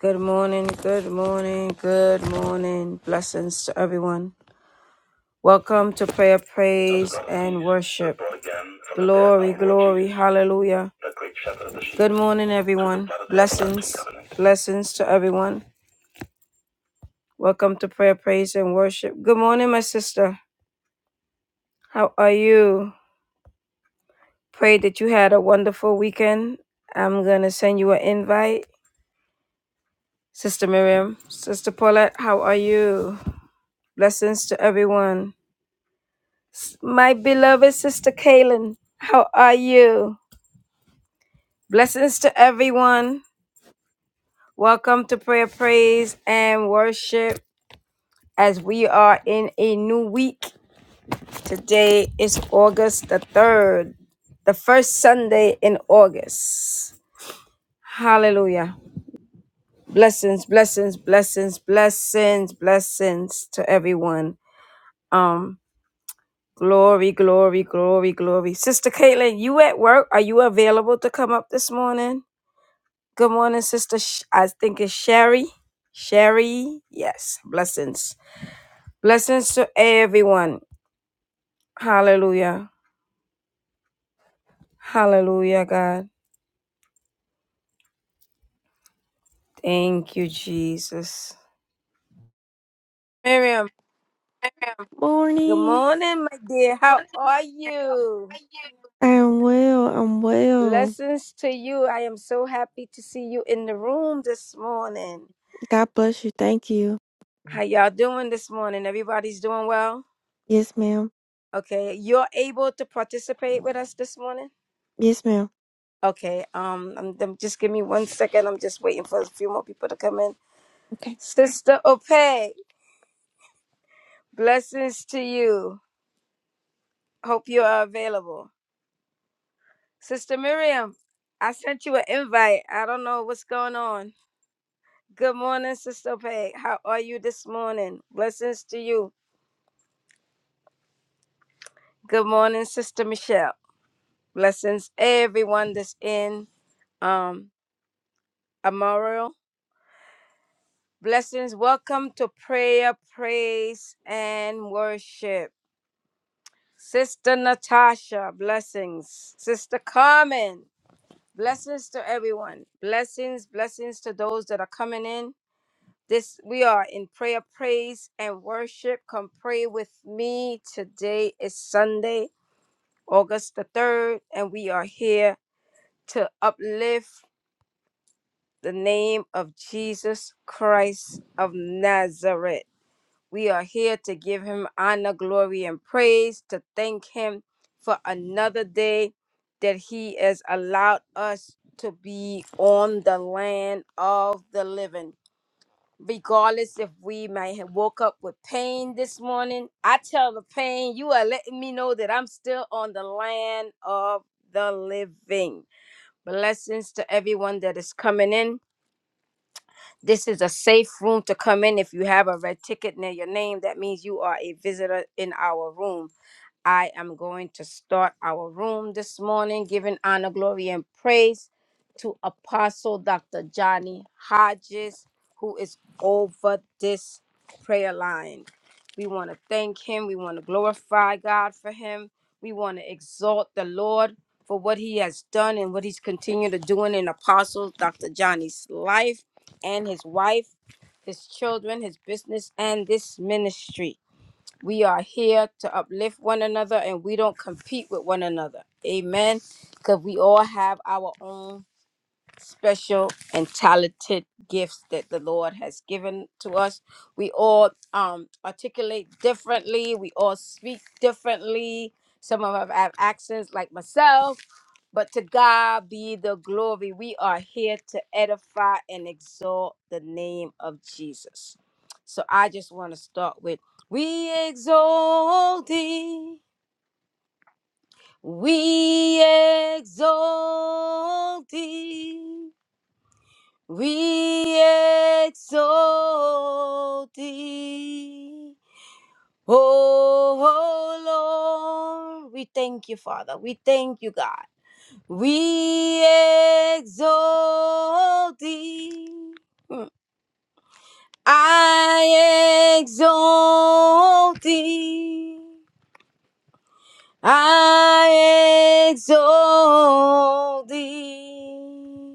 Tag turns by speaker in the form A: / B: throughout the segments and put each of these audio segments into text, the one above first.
A: Good morning, good morning, good morning. Blessings to everyone. Welcome to prayer, praise, and worship. Glory, glory, hallelujah. Good morning, everyone. Blessings, blessings to everyone. Welcome to prayer, praise, and worship. Good morning, my sister. How are you? Pray that you had a wonderful weekend. I'm going to send you an invite. Sister Miriam, Sister Paulette, how are you? Blessings to everyone. My beloved sister Kaylin, how are you? Blessings to everyone. Welcome to prayer, praise, and worship as we are in a new week. Today is August the 3rd, the first Sunday in August. Hallelujah. Blessings, blessings, blessings, blessings, blessings to everyone. Um, glory, glory, glory, glory. Sister Caitlin, you at work? Are you available to come up this morning? Good morning, sister. Sh- I think it's Sherry. Sherry, yes. Blessings. Blessings to everyone. Hallelujah. Hallelujah, God. Thank you, Jesus. Miriam, good
B: Morning.
A: morning, my dear. How are you?
B: I'm well. I'm well.
A: Blessings to you. I am so happy to see you in the room this morning.
B: God bless you. Thank you.
A: How y'all doing this morning? Everybody's doing well?
B: Yes, ma'am.
A: Okay. You're able to participate with us this morning?
B: Yes, ma'am.
A: Okay, um, I'm, them- just give me one second. I'm just waiting for a few more people to come in.
B: Okay.
A: Sister Ope, blessings to you. Hope you are available. Sister Miriam, I sent you an invite. I don't know what's going on. Good morning, Sister Ope. How are you this morning? Blessings to you. Good morning, Sister Michelle. Blessings everyone that's in um Amaro. Blessings. Welcome to prayer, praise, and worship. Sister Natasha, blessings. Sister Carmen, blessings to everyone. Blessings, blessings to those that are coming in. This we are in prayer, praise, and worship. Come pray with me. Today is Sunday, August the 3rd, and we are here to uplift the name of Jesus Christ of Nazareth. We are here to give him honor, glory, and praise, to thank him for another day that he has allowed us to be on the land of the living. Regardless if we may have woke up with pain this morning, I tell the pain, you are letting me know that I'm still on the land of the living. Blessings to everyone that is coming in. This is a safe room to come in. If you have a red ticket near your name, that means you are a visitor in our room. I am going to start our room this morning, giving honor, glory, and praise to Apostle Dr. Johnny Hodges, who is over this prayer line. We want to thank him. We want to glorify God for him. We want to exalt the Lord for what he has done and what he's continued to doing in Apostle Dr. Johnny's life and his wife, his children, his business, and this ministry. We are here to uplift one another and we don't compete with one another. Amen. Because we all have our own special and talented gifts that the Lord has given to us. We all um, articulate differently, we all speak differently. Some of us have accents, like myself, but to God be the glory. We are here to edify and exalt the name of Jesus. So I just want to start with We exalt thee, we exalt thee. We exalt thee, O Lord. We thank you, Father. We thank you, God. We exalt thee. Mm. I exalt thee. I exalt thee.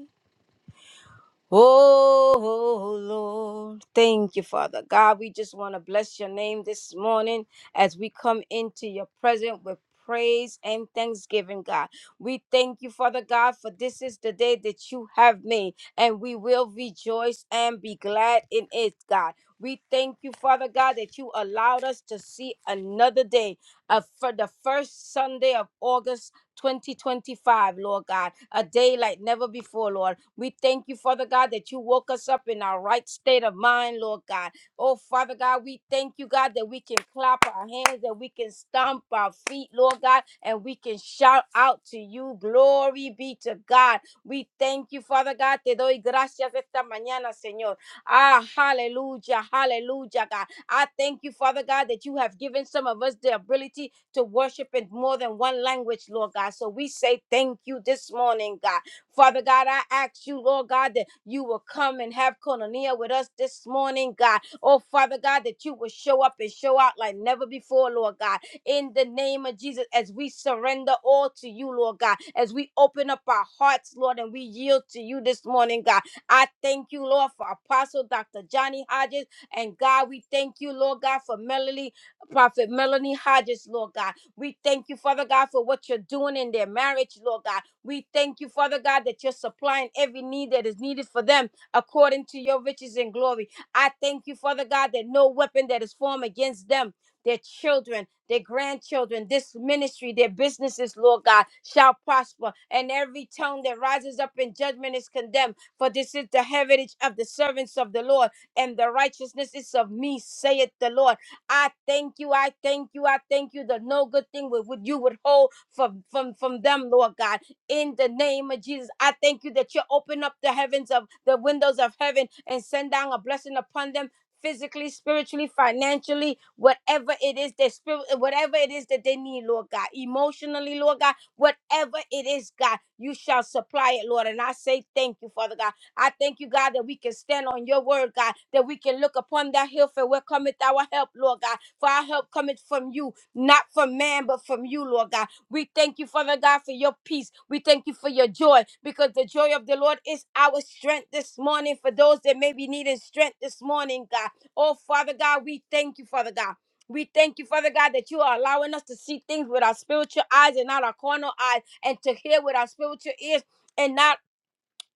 A: Oh Lord, thank you, Father God. We just want to bless your name this morning as we come into your presence with praise and thanksgiving, God. We thank you, Father God, for this is the day that you have made, and we will rejoice and be glad in it, God. We thank you, Father God, that you allowed us to see another day, uh, for the first Sunday of August 2025, Lord God, a day like never before, Lord. We thank you, Father God, that you woke us up in our right state of mind, Lord God. Oh, Father God, we thank you, God, that we can clap our hands, that we can stomp our feet, Lord God, and we can shout out to you. Glory be to God. We thank you, Father God. Te doy gracias esta mañana, Señor. Ah, hallelujah, hallelujah, God. I thank you, Father God, that you have given some of us the ability to worship in more than one language, Lord God. So we say thank you this morning, God. Father God, I ask you, Lord God, that you will come and have Koinonia with us this morning, God. Oh, Father God, that you will show up and show out like never before, Lord God. In the name of Jesus, as we surrender all to you, Lord God, as we open up our hearts, Lord, and we yield to you this morning, God. I thank you, Lord, for Apostle Dr. Johnny Hodges. And God, we thank you, Lord God, for Melody Prophet Melanie Hodges, Lord God. We thank you, Father God, for what you're doing in their marriage, Lord God. We thank you, Father God, that you're supplying every need that is needed for them according to your riches and glory. I thank you, Father God, that no weapon that is formed against them, their children, their grandchildren, this ministry, their businesses, Lord God, shall prosper. And every tongue that rises up in judgment is condemned. For this is the heritage of the servants of the Lord, and the righteousness is of me, saith the Lord. I thank you. I thank you. I thank you. The no good thing would, would you withhold from, from, from them, Lord God. In the name of Jesus, I thank you that you open up the heavens of the windows of heaven and send down a blessing upon them. Physically, spiritually, financially, whatever it is that spirit, whatever it is that they need, Lord God, emotionally, Lord God, whatever it is, God, you shall supply it, Lord. And I say thank you, Father God. I thank you, God, that we can stand on your word, God, that we can look upon that hill for where cometh our help, Lord God. For our help cometh from you, not from man, but from you, Lord God. We thank you, Father God, for your peace. We thank you for your joy, because the joy of the Lord is our strength this morning for those that may be needing strength this morning, God. Oh, Father God, we thank you, Father God. We thank you, Father God, that you are allowing us to see things with our spiritual eyes and not our carnal eyes, and to hear with our spiritual ears. And not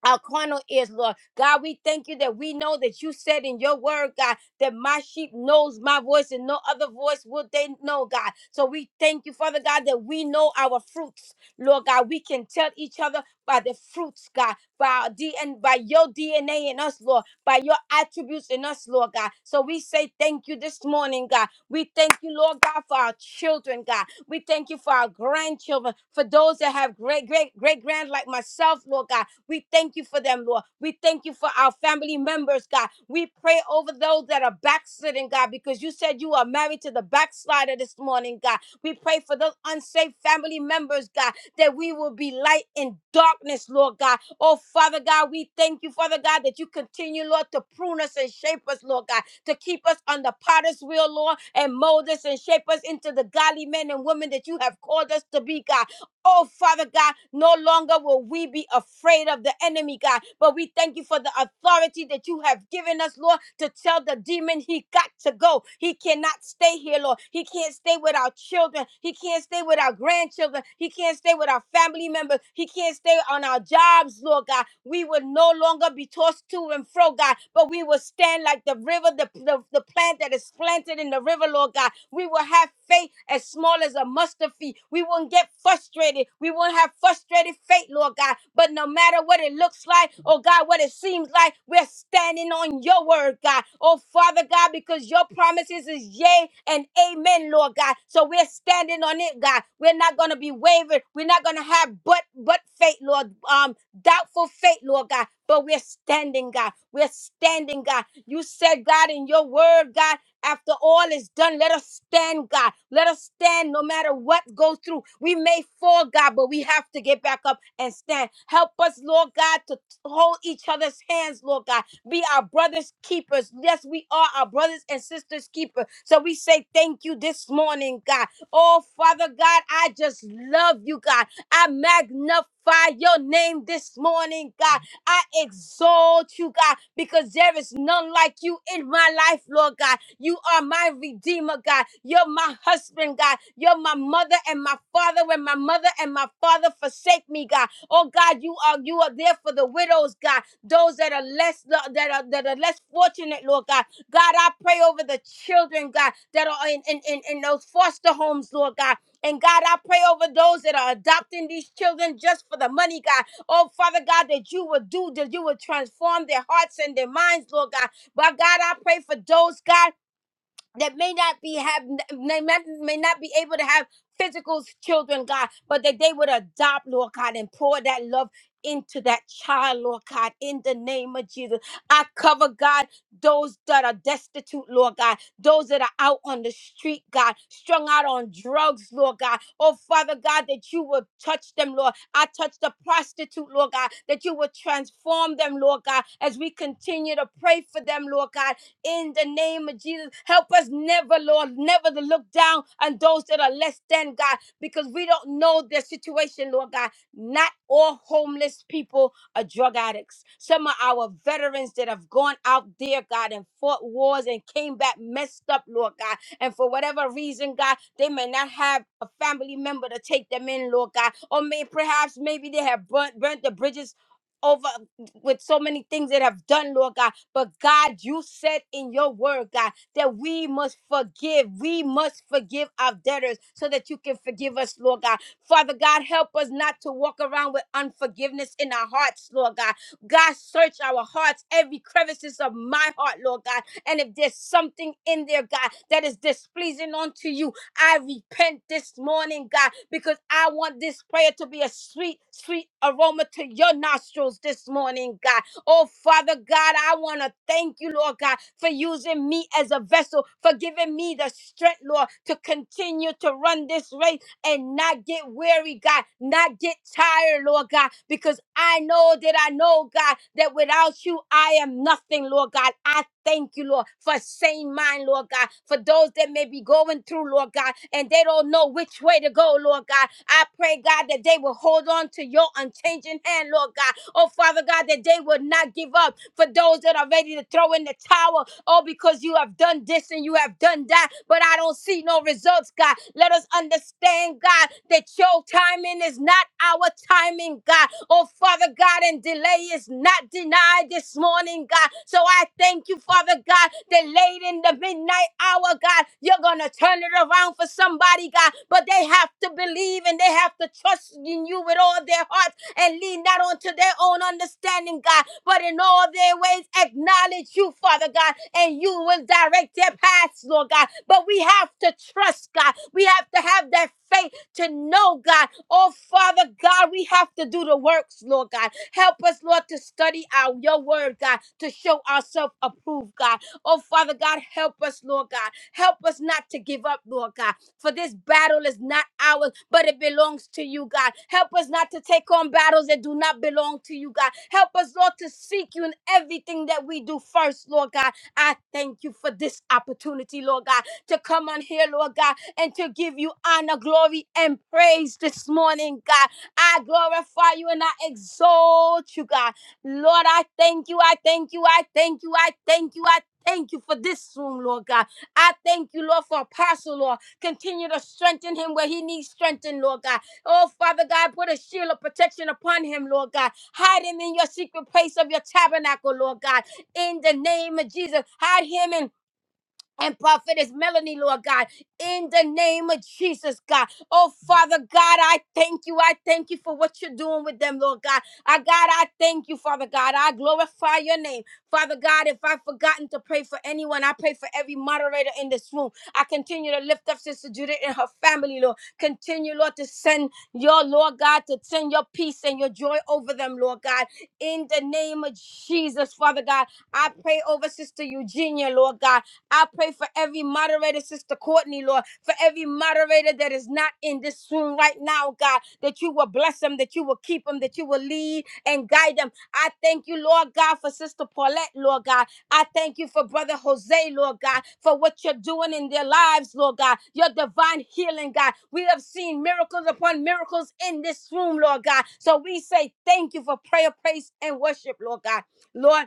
A: our carnal ears, Lord. God, we thank you that we know that you said in your word, God, that my sheep knows my voice and no other voice would they know, God. So we thank you, Father God, that we know our fruits, Lord God. We can tell each other by the fruits, God, by our D and by your DNA in us, Lord, by your attributes in us, Lord God. So we say thank you this morning, God. We thank you, Lord God, for our children, God. We thank you for our grandchildren, for those that have great, great, great grand like myself, Lord God. We thank you for them, Lord. We thank you for our family members, God. We pray over those that are backsliding, God, because you said you are married to the backslider this morning, God. We pray for those unsafe family members, God, that we will be light in darkness, Lord God. Oh, Father God, we thank you, Father God, that you continue, Lord, to prune us and shape us, Lord God, to keep us on the potter's wheel, Lord, and mold us and shape us into the godly men and women that you have called us to be, God. Oh, Father God, no longer will we be afraid of the enemy, God, but we thank you for the authority that you have given us, Lord, to tell the demon he got to go. He cannot stay here, Lord. He can't stay with our children. He can't stay with our grandchildren. He can't stay with our family members. He can't stay on our jobs, Lord God. We will no longer be tossed to and fro, God, but we will stand like the river, the, the, the plant that is planted in the river, Lord God. We will have faith as small as a mustard seed. We won't get frustrated. We won't have frustrated faith, Lord God. But no matter what it looks like, oh God, what it seems like, we're standing on your word, God. Oh Father God, because your promises is yea and amen, Lord God. So we're standing on it, God. We're not gonna be wavered. We're not gonna have but but faith, Lord. Um, doubtful faith, Lord God. But we're standing, God. We're standing, God you said, God, in your word, God, after all is done, let us stand, God. Let us stand no matter what goes through. We may fall, God, but we have to get back up and stand. Help us, Lord God, to hold each other's hands, Lord God. Be our brothers' keepers. Yes, we are our brothers and sisters' keepers. So we say thank you this morning, God. Oh, Father God, I just love you, God. I magnify your name this morning, God. I exalt you, God, because there is none like you in my life, Lord God. You are my redeemer, God. You're my husband, God. You're my mother and my father. When my mother and my father forsake me, God. Oh God, you are you are there for the widows, God. Those that are less that are that are less fortunate, Lord God. God, I pray over the children, God, that are in in, in, in those foster homes, Lord God. And God, I pray over those that are adopting these children just for the money, God. Oh, Father God, that you would do, that you would transform their hearts and their minds, Lord God. But God, I pray for those, God that may not be have may not, may not be able to have physical children, God, but that they would adopt, Lord God, and pour that love into that child, Lord God, in the name of Jesus. I cover, God, those that are destitute, Lord God, those that are out on the street, God, strung out on drugs, Lord God. Oh, Father God, that you will touch them, Lord. I touch the prostitute, Lord God, that you will transform them, Lord God, as we continue to pray for them, Lord God in the name of Jesus. Help us never, Lord, never to look down on those that are less than God because we don't know their situation, Lord God. Not all homeless people are drug addicts. Some of our veterans that have gone out there, God, and fought wars and came back messed up, Lord God. And for whatever reason, God, they may not have a family member to take them in, Lord God. Or may perhaps maybe they have burnt, burnt the bridges over with so many things that have done, Lord God. But God, you said in your word, God, that we must forgive. We must forgive our debtors so that you can forgive us, Lord God. Father God, help us not to walk around with unforgiveness in our hearts, Lord God. God, search our hearts, every crevices of my heart, Lord God. And if there's something in there, God, that is displeasing unto you, I repent this morning, God, because I want this prayer to be a sweet, sweet aroma to your nostrils this morning, God. Oh, Father God, I want to thank you, Lord God, for using me as a vessel, for giving me the strength, Lord, to continue to run this race and not get weary, God, not get tired, Lord God, because I know that I know, God, that without you, I am nothing, Lord God. I thank you, Lord, for sane mind, Lord God, for those that may be going through, Lord God, and they don't know which way to go, Lord God. I pray, God, that they will hold on to your unchanging hand, Lord God. Oh, Father God, that they will not give up for those that are ready to throw in the towel, people, oh, because you have done this and you have done that, but I don't see no results, God. Let us understand, God, that your timing is not our timing, God. Oh, Father God, and delay is not denied this morning, God. So I thank you, Father God, that late in the midnight hour, God, you're going to turn it around for somebody, God. But they have to believe and they have to trust in you with all their heart and lean not onto their own understanding, God, but in all their ways acknowledge you, Father God, and you will direct their paths, Lord God. But we have to trust, God. We have to have that faith to know, God. Oh, Father God, we have to do the works, Lord God. Help us, Lord, to study our your word, God, to show ourselves approved, God Oh, Father God, help us, Lord God. Help us not to give up, Lord God. For this battle is not ours, but it belongs to you, God. Help us not to take on battles that do not belong to you, God. Help us, Lord, to seek you in everything that we do first, Lord God. I thank you for this opportunity, Lord God, to come on here, Lord God, and to give you honor, glory, and praise this morning, God. I glorify you and I exalt you, God. Lord, I thank you. I thank you. I thank you. I thank you. I Thank you for this room, Lord God. I thank you, Lord, for Apostle, Lord. Continue to strengthen him where he needs strengthen, Lord God. Oh, Father God, put a shield of protection upon him, Lord God. Hide him in your secret place of your tabernacle, Lord God. In the name of Jesus, hide him in and prophetess Melanie, Lord God, in the name of Jesus, God. Oh, Father God, I thank you. I thank you for what you're doing with them, Lord God. I, God, I thank you, Father God. I glorify your name. Father God, if I've forgotten to pray for anyone, I pray for every moderator in this room. I continue to lift up Sister Judith and her family, Lord. Continue, Lord, to send your, Lord God, to send your peace and your joy over them, Lord God. In the name of Jesus, Father God, I pray over Sister Eugenia, Lord God. I pray for every moderator, Sister Courtney, Lord, for every moderator that is not in this room right now, God, that you will bless them, that you will keep them, that you will lead and guide them. I thank you, Lord God, for Sister Paulette, Lord God. I thank you for Brother Jose, Lord God, for what you're doing in their lives, Lord God, your divine healing, God. We have seen miracles upon miracles in this room, Lord God. So we say thank you for prayer, praise, and worship, Lord God. Lord,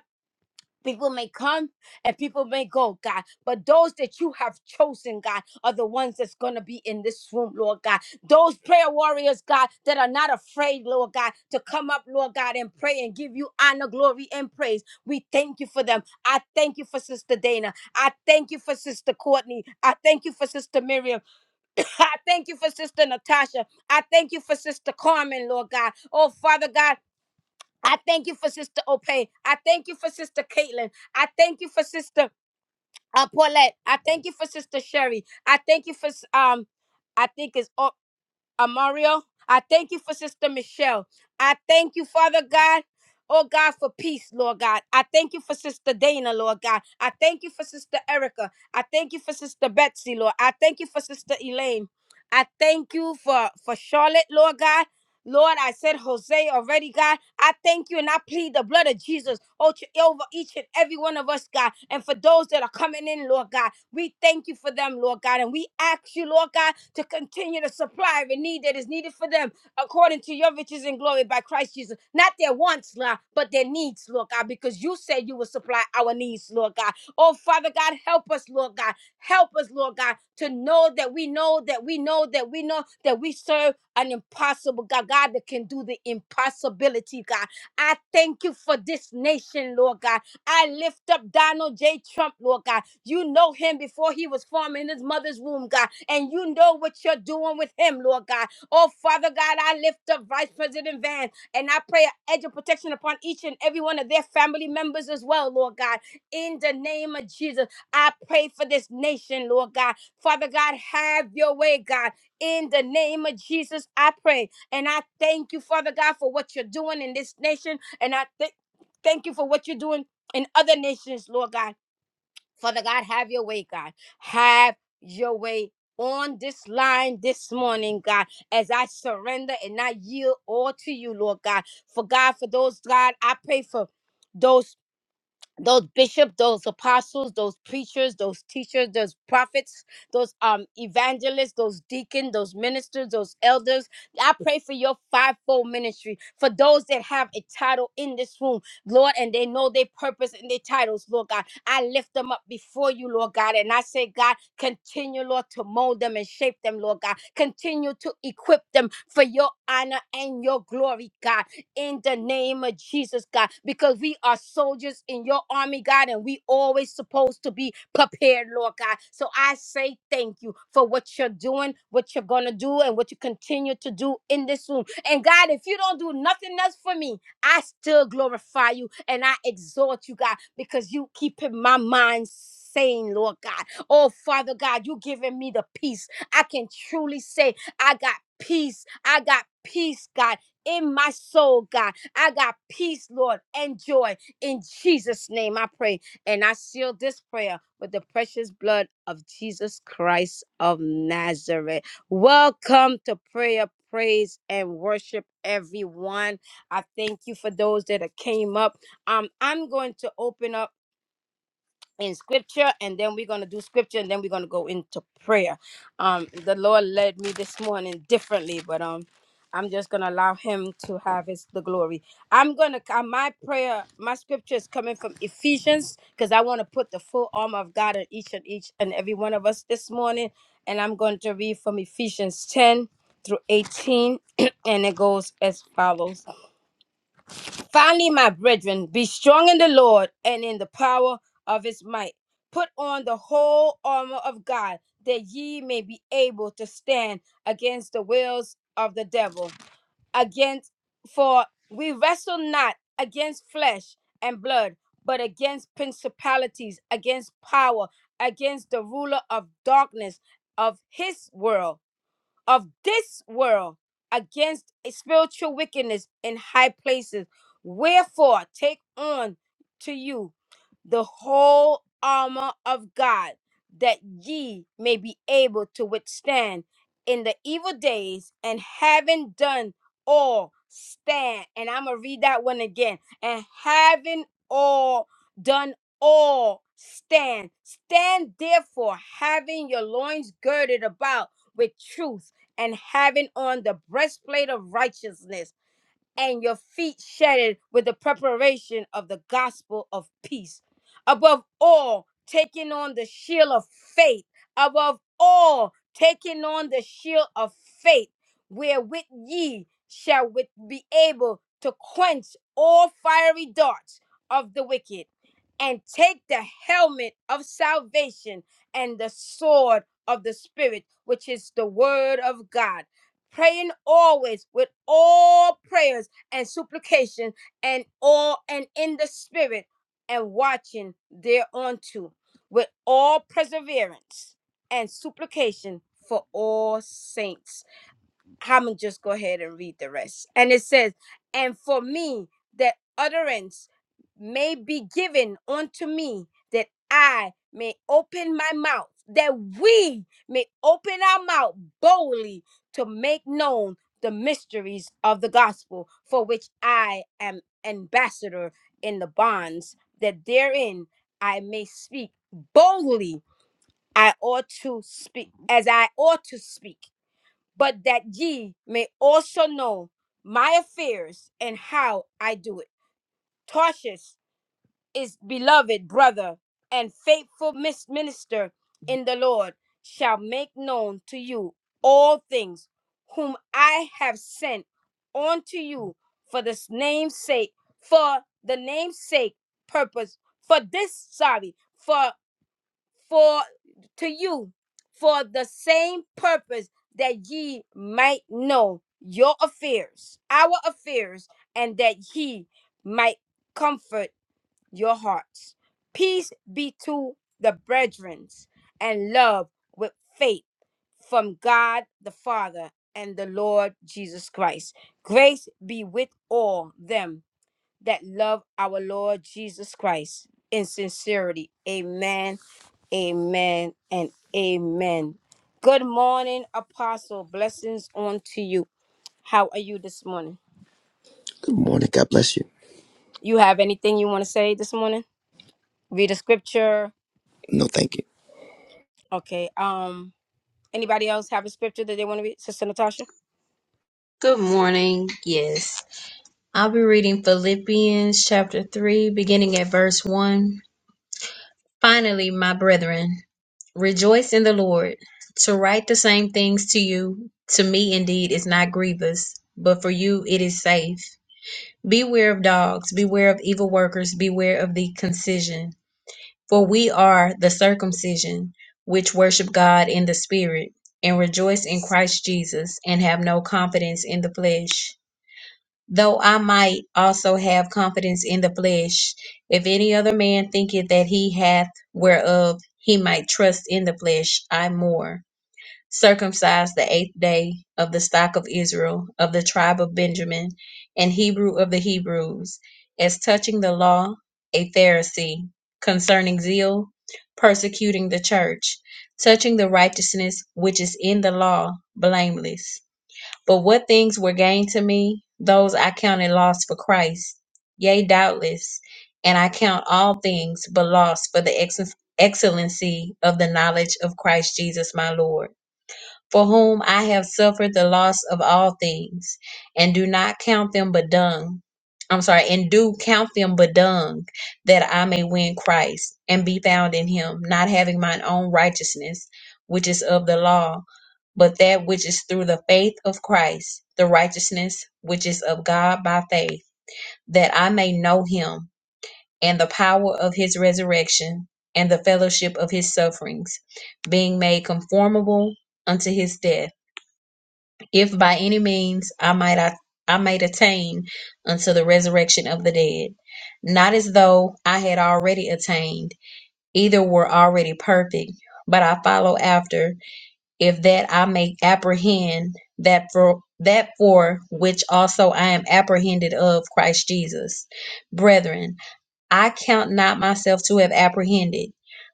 A: People may come and people may go, God, but those that you have chosen, God, are the ones that's going to be in this room, Lord God. Those prayer warriors, God, that are not afraid, Lord God, to come up, Lord God, and pray and give you honor, glory, and praise. We thank you for them. I thank you for Sister Dana. I thank you for Sister Courtney. I thank you for Sister Miriam. I thank you for Sister Natasha. I thank you for Sister Carmen, Lord God. Oh, Father God, I thank you for Sister Opay. I thank you for Sister Caitlin. I thank you for Sister uh, Paulette. I thank you for Sister Sherry. I thank you for s- um. I think it's all. Amario. I thank you for Sister Michelle. I thank you, Father God. Oh God, for peace, Lord God. I thank you for Sister Dana, Lord God. I thank you for Sister Erica. I thank you for Sister Betsy, Lord. I thank you for Sister Elaine. I thank you for, for Charlotte, Lord God. Lord, I said Jose already, God. I thank you and I plead the blood of Jesus over over each and every one of us, God. And for those that are coming in, Lord God. We thank you for them, Lord God. And we ask you, Lord God, to continue to supply every need that is needed for them according to your riches and glory by Christ Jesus. Not their wants, Lord, but their needs, Lord God, because you said you will supply our needs, Lord God. Oh, Father God, help us, Lord God. Help us, Lord God, to know that we know that we know that we know that we serve an impossible God, God that can do the impossibility, God. I thank you for this nation, Lord God. I lift up Donald J. Trump, Lord God. You know him before he was formed in his mother's womb, God. And you know what you're doing with him, Lord God. Oh, Father God, I lift up Vice President Van and I pray an edge of protection upon each and every one of their family members as well, Lord God. In the name of Jesus, I pray for this nation, Lord God. Father God, have your way, God. In the name of Jesus, I pray. And I thank you, Father God, for what you're doing in this nation. And I thank thank you for what you're doing in other nations, Lord God. Father God, have your way, God. Have your way on this line this morning, God, as I surrender and I yield all to you, Lord God. For God, for those, God, I pray for. Those those bishops, those apostles, those preachers, those teachers, those prophets, those um evangelists, those deacons, those ministers, those elders. I pray for your fivefold ministry, for those that have a title in this room, Lord, and they know their purpose and their titles, Lord God. I lift them up before you, Lord God, and I say, God, continue, Lord, to mold them and shape them, Lord God. Continue to equip them for your honor and your glory, God in the name of Jesus, God, because we are soldiers in your army, God, and we always supposed to be prepared, Lord God. So I say thank you for what you're doing, what you're gonna do, and what you continue to do in this room. And God, if you don't do nothing else for me, I still glorify you and I exhort you, God, because you keeping my mind sane, Lord God. Oh, Father God, you giving me the peace. I can truly say I got peace. I got peace, God in my soul, God. I got peace, Lord, and joy. In Jesus' name, I pray. And I seal this prayer with the precious blood of Jesus Christ of Nazareth. Welcome to prayer, praise, and worship, everyone. I thank you for those that have came up. Um, I'm going to open up in scripture and then we're going to do scripture and then we're going to go into prayer um the lord led me this morning differently but um i'm just going to allow him to have his the glory i'm going to uh, my prayer my scripture is coming from ephesians because i want to put the full armor of god on each and each and every one of us this morning and i'm going to read from ephesians 10 through 18 and it goes as follows Finally, my brethren, be strong in the Lord and in the power of his might. Put on the whole armor of God, that ye may be able to stand against the wills of the devil. Against for we wrestle not against flesh and blood, but against principalities, against power, against the ruler of darkness of his world of this world against a spiritual wickedness in high places. Wherefore, take on to you the whole armor of God, that ye may be able to withstand in the evil days, and having done all, stand. And I'm going to read that one again. And having all done all, stand. Stand therefore, having your loins girded about with truth and having on the breastplate of righteousness and your feet shedded with the preparation of the gospel of peace. Above all, taking on the shield of faith. Above all, taking on the shield of faith, wherewith ye shall with be able to quench all fiery darts of the wicked, and take the helmet of salvation and the sword of the Spirit, which is the word of God praying always with all prayers and supplication and all and in the spirit and watching thereunto with all perseverance and supplication for all saints. I'm gonna just go ahead and read the rest. And it says, And for me, that utterance may be given unto me, that I may open my mouth, that we may open our mouth boldly to make known the mysteries of the gospel, for which I am ambassador in the bonds, that therein I may speak boldly. I ought to speak as I ought to speak but that ye may also know my affairs and how I do it. Tarshish is beloved brother and faithful mis- minister in the Lord shall make known to you all things whom I have sent unto you for this name's sake, for the name's sake purpose, for this, sorry, for for to you for the same purpose that ye might know your affairs, our affairs, and that he might comfort your hearts. Peace be to the brethren and love with faith from God the Father and the Lord Jesus Christ. Grace be with all them that love our Lord Jesus Christ in sincerity. Amen Amen and amen. Good morning, Apostle. Blessings on to you. How are you this morning?
C: Good morning. God bless you.
A: You have anything you want to say this morning? Read a scripture.
C: No, thank you.
A: Okay. Um. Anybody else have a scripture that they want to read? Sister Natasha.
D: Good morning. Yes. I'll be reading Philippians chapter 3, beginning at verse 1. Finally, my brethren, rejoice in the Lord. To write the same things to you, to me indeed, is not grievous, but for you it is safe. Beware of dogs, beware of evil workers, beware of the concision. For we are the circumcision, which worship God in the Spirit, and rejoice in Christ Jesus, and have no confidence in the flesh though I might also have confidence in the flesh, if any other man thinketh that he hath whereof he might trust in the flesh, I more. Circumcised the eighth day of the stock of Israel, of the tribe of Benjamin, and Hebrew of the Hebrews, as touching the law, a Pharisee, concerning zeal, persecuting the church, touching the righteousness which is in the law, blameless. But what things were gained to me, those I counted loss for Christ. Yea, doubtless, and I count all things but loss for the ex- excellency of the knowledge of Christ Jesus my Lord for whom I have suffered the loss of all things, and do not count them but dung. I'm sorry, and do count them but dung, that I may win Christ and be found in him, not having mine own righteousness, which is of the law, but that which is through the faith of Christ, the righteousness which is of God by faith, that I may know him and the power of his resurrection and the fellowship of his sufferings, being made conformable unto his death if by any means I might I I might attain unto the resurrection of the dead, not as though I had already attained, either were already perfect, but I follow after, if that I may apprehend that for that for which also I am apprehended of Christ Jesus. Brethren, I count not myself to have apprehended,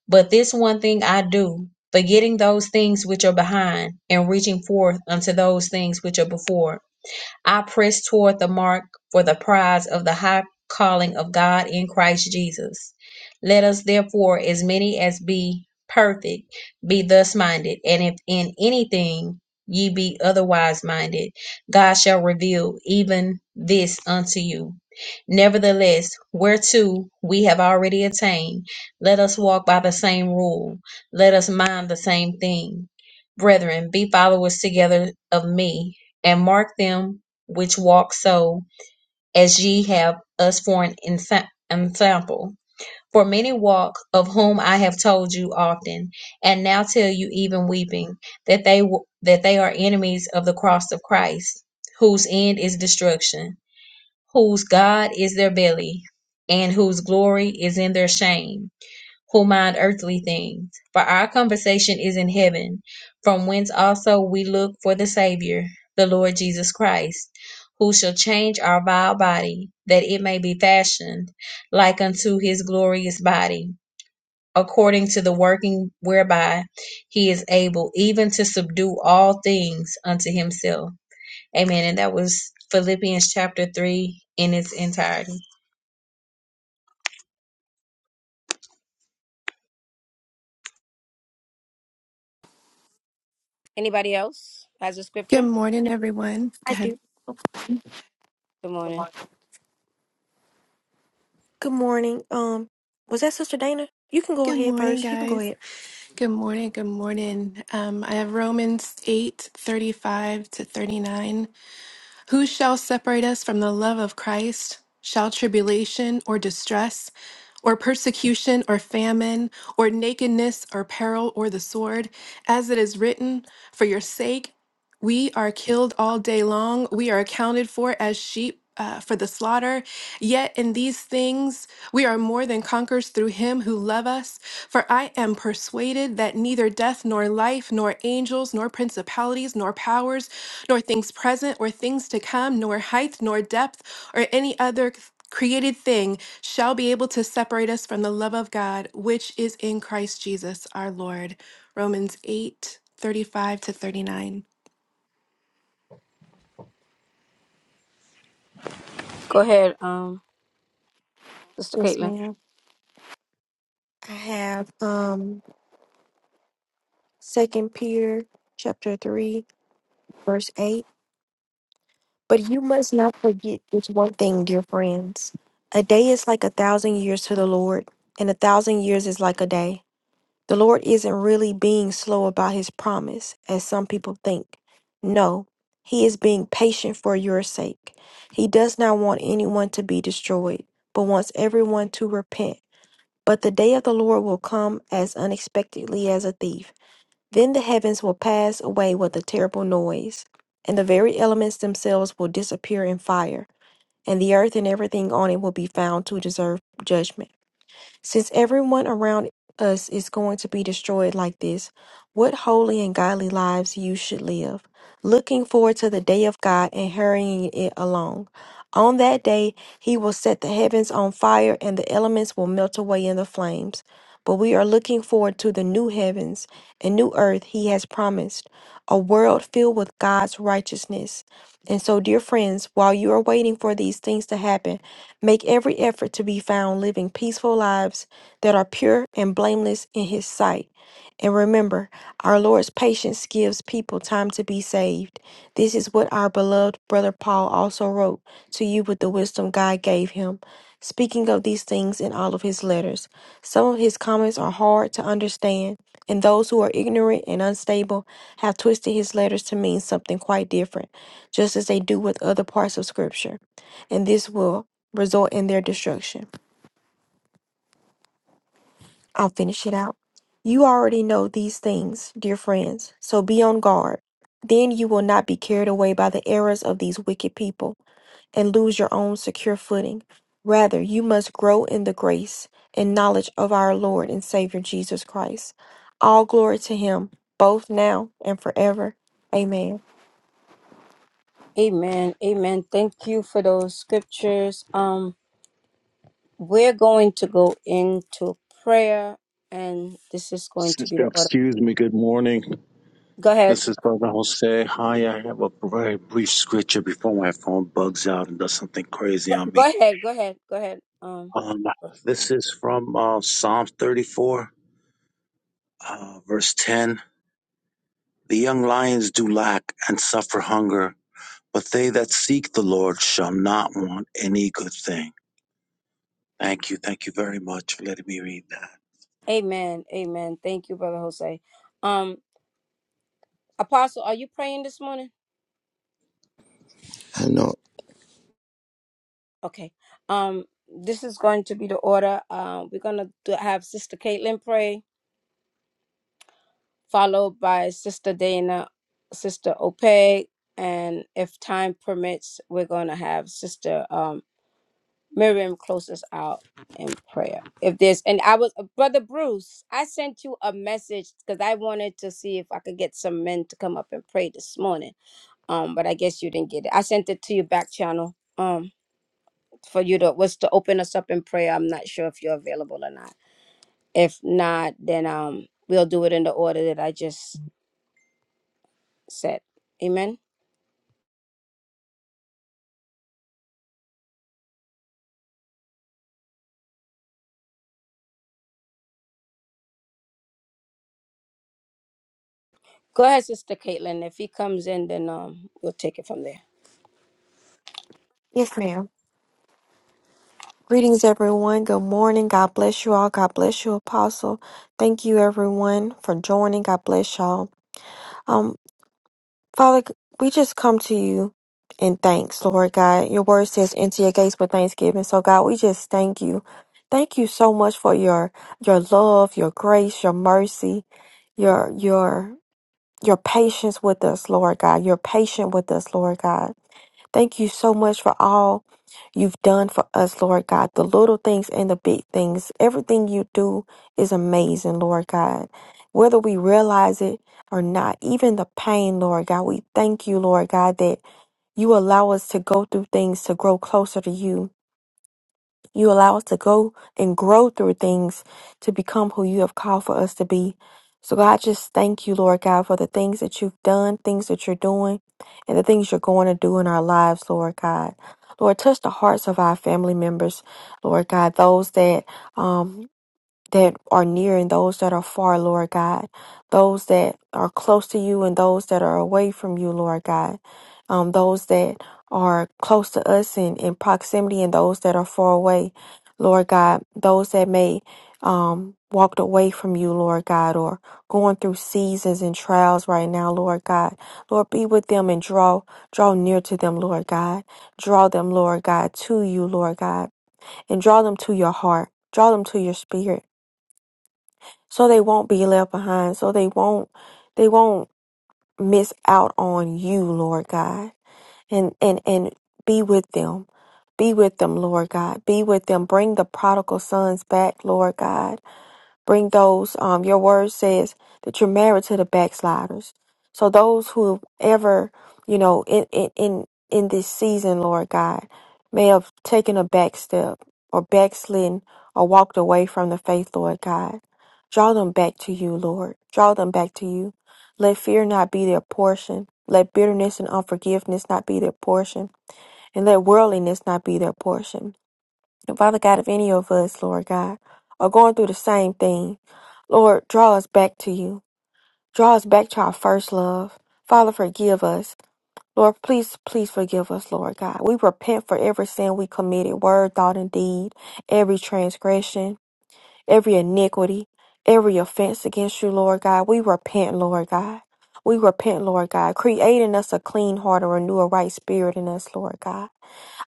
D: but this one thing I do, forgetting those things which are behind, and reaching forth unto those things which are before. I press toward the mark for the prize of the high calling of God in Christ Jesus. Let us therefore, as many as be perfect, be thus minded, and if in anything ye be otherwise minded, God shall reveal even this unto you. Nevertheless, whereto we have already attained, let us walk by the same rule, let us mind the same thing. Brethren, be followers together of me, and mark them which walk so, as ye have us for an ensa- ensample. For many walk, of whom I have told you often, and now tell you even weeping, that they w- that they are enemies of the cross of Christ, whose end is destruction, whose God is their belly, and whose glory is in their shame who mind earthly things. For our conversation is in heaven, from whence also we look for the Savior, the Lord Jesus Christ, who shall change our vile body, that it may be fashioned like unto his glorious body, according to the working whereby he is able even to subdue all things unto himself. Amen. And that was Philippians chapter 3 in its entirety.
A: Anybody else has a
E: Good
A: scripture?
E: morning, everyone.
B: I
E: Good.
B: do.
A: Good morning.
B: Good morning. Um, was that Sister Dana? You can go
E: Good
B: ahead
E: morning,
B: first. You can go
E: guys.
B: ahead.
E: Good morning. Good morning. Um, I have Romans eight thirty-five to 39. Who shall separate us from the love of Christ? Shall tribulation or distress or persecution or famine or nakedness or peril or the sword? As it is written, for your sake We are killed all day long. We are accounted for as sheep uh, for the slaughter. Yet in these things we are more than conquerors through him who love us. For I am persuaded that neither death nor life, nor angels, nor principalities, nor powers, nor things present or things to come, nor height, nor depth, or any other created thing shall be able to separate us from the love of God, which is in Christ Jesus our Lord. Romans 8 35 to 39.
A: Go ahead. Um. Sister
B: Yes,
A: Caitlin.
B: ma'am. I have um Second Peter chapter three, verse eight. But you must not forget this one thing, dear friends. A day is like a thousand years to the Lord, and a thousand years is like a day. The Lord isn't really being slow about his promise, as some people think. No, he is being patient for your sake. He does not want anyone to be destroyed, but wants everyone to repent. But the day of the Lord will come as unexpectedly as a thief. Then the heavens will pass away with a terrible noise, and the very elements themselves will disappear in fire, and the earth and everything on it will be found to deserve judgment. Since everyone around us is going to be destroyed like this, what holy and godly lives you should live, looking forward to the day of God and hurrying it along. On that day, he will set the heavens on fire and the elements will melt away in the flames. But we are looking forward to the new heavens and new earth he has promised, a world filled with God's righteousness. And so, dear friends, while you are waiting for these things to happen, make every effort to be found living peaceful lives that are pure and blameless in His sight. And remember, our Lord's patience gives people time to be saved. This is what our beloved brother Paul also wrote to you with the wisdom God gave him, speaking of these things in all of his letters. Some of his comments are hard to understand, and those who are ignorant and unstable have twisted his letters to mean something quite different just as they do with other parts of Scripture, and this will result in their destruction. I'll finish it out. You already know these things, dear friends, so be on guard. Then you will not be carried away by the errors of these wicked people and lose your own secure footing. Rather, you must grow in the grace and knowledge of our Lord and Savior Jesus Christ. All glory to Him, both now and forever. Amen.
A: Amen. Amen. Thank you for those scriptures. Um. We're going to go into prayer, and this is going to be
F: Sister,
A: the order.
F: excuse me. Good morning.
A: Go ahead.
F: This is Brother Jose. Hi, I have a very brief scripture before my phone bugs out and does something crazy on
A: Go
F: me.
A: ahead, go ahead, go ahead. Um,
F: Um, this is from uh, Psalm 34, uh, verse 10. The young lions do lack and suffer hunger, but they that seek the Lord shall not want any good thing. Thank you. Thank you very much for letting me read that.
A: Amen, Amen. Thank you, brother Jose. Um, Apostle, are you praying this morning?
C: I know.
A: Okay. Um, this is going to be the order. Um, we're gonna do, have Sister Caitlin pray, followed by Sister Dana, Sister Ope, and if time permits, we're gonna have Sister. um, Miriam, close us out in prayer. If there's, and I was, Brother Bruce, I sent you a message because I wanted to see if I could get some men to come up and pray this morning. Um, but I guess you didn't get it. I sent it to your back channel. Um, for you to was to open us up in prayer. I'm not sure if you're available or not. If not, then um, we'll do it in the order that I just said. Amen. Go ahead, Sister Caitlin. If he comes in, then um, we'll take it from there.
B: Yes, ma'am. Greetings, everyone. Good morning. God bless you all. God bless you, Apostle. Thank you, everyone, for joining. God bless y'all. Um, Father, we just come to you in thanks, Lord God. Your word says, "Enter your gates with thanksgiving." So, God, we just thank you. Thank you so much for your your love, your grace, your mercy, your your your patience with us, Lord God. You're patient with us, Lord God. Thank you so much for all you've done for us, Lord God. The little things and the big things. Everything you do is amazing, Lord God. Whether we realize it or not, even the pain, Lord God, we thank you, Lord God, that you allow us to go through things to grow closer to you. You allow us to go and grow through things to become who you have called for us to be. So, God, just thank you, Lord God, for the things that you've done, things that you're doing, and the things you're going to do in our lives, Lord God. Lord, touch the hearts of our family members, Lord God, those that, um, that are near and those that are far, Lord God, those that are close to you and those that are away from you, Lord God, um, those that are close to us and in proximity and those that are far away, Lord God, those that may um, walked away from you, Lord God, or going through seasons and trials right now, Lord God. Lord, be with them and draw draw near to them, Lord God. Draw them, Lord God, to you, Lord God, and draw them to your heart. Draw them to your spirit so they won't be left behind so they won't they won't miss out on you lord god and and and be with them be with them lord god be with them bring the prodigal sons back lord god bring those um your word says that you're married to the backsliders so those who ever you know in in in, in this season lord god may have taken a back step or backslidden or walked away from the faith lord god draw them back to you lord draw them back to you let fear not be their portion let bitterness and unforgiveness not be their portion and let worldliness not be their portion and Father God, if any of us, Lord God, are going through the same thing, Lord, draw us back to you. Draw us back to our first love. Father, forgive us. Lord, please, please forgive us, Lord God. We repent for every sin we committed, word, thought, and deed, every transgression, every iniquity, every offense against you, Lord God. We repent, Lord God. We repent, Lord God, creating us a clean heart and renew a right spirit in us, Lord God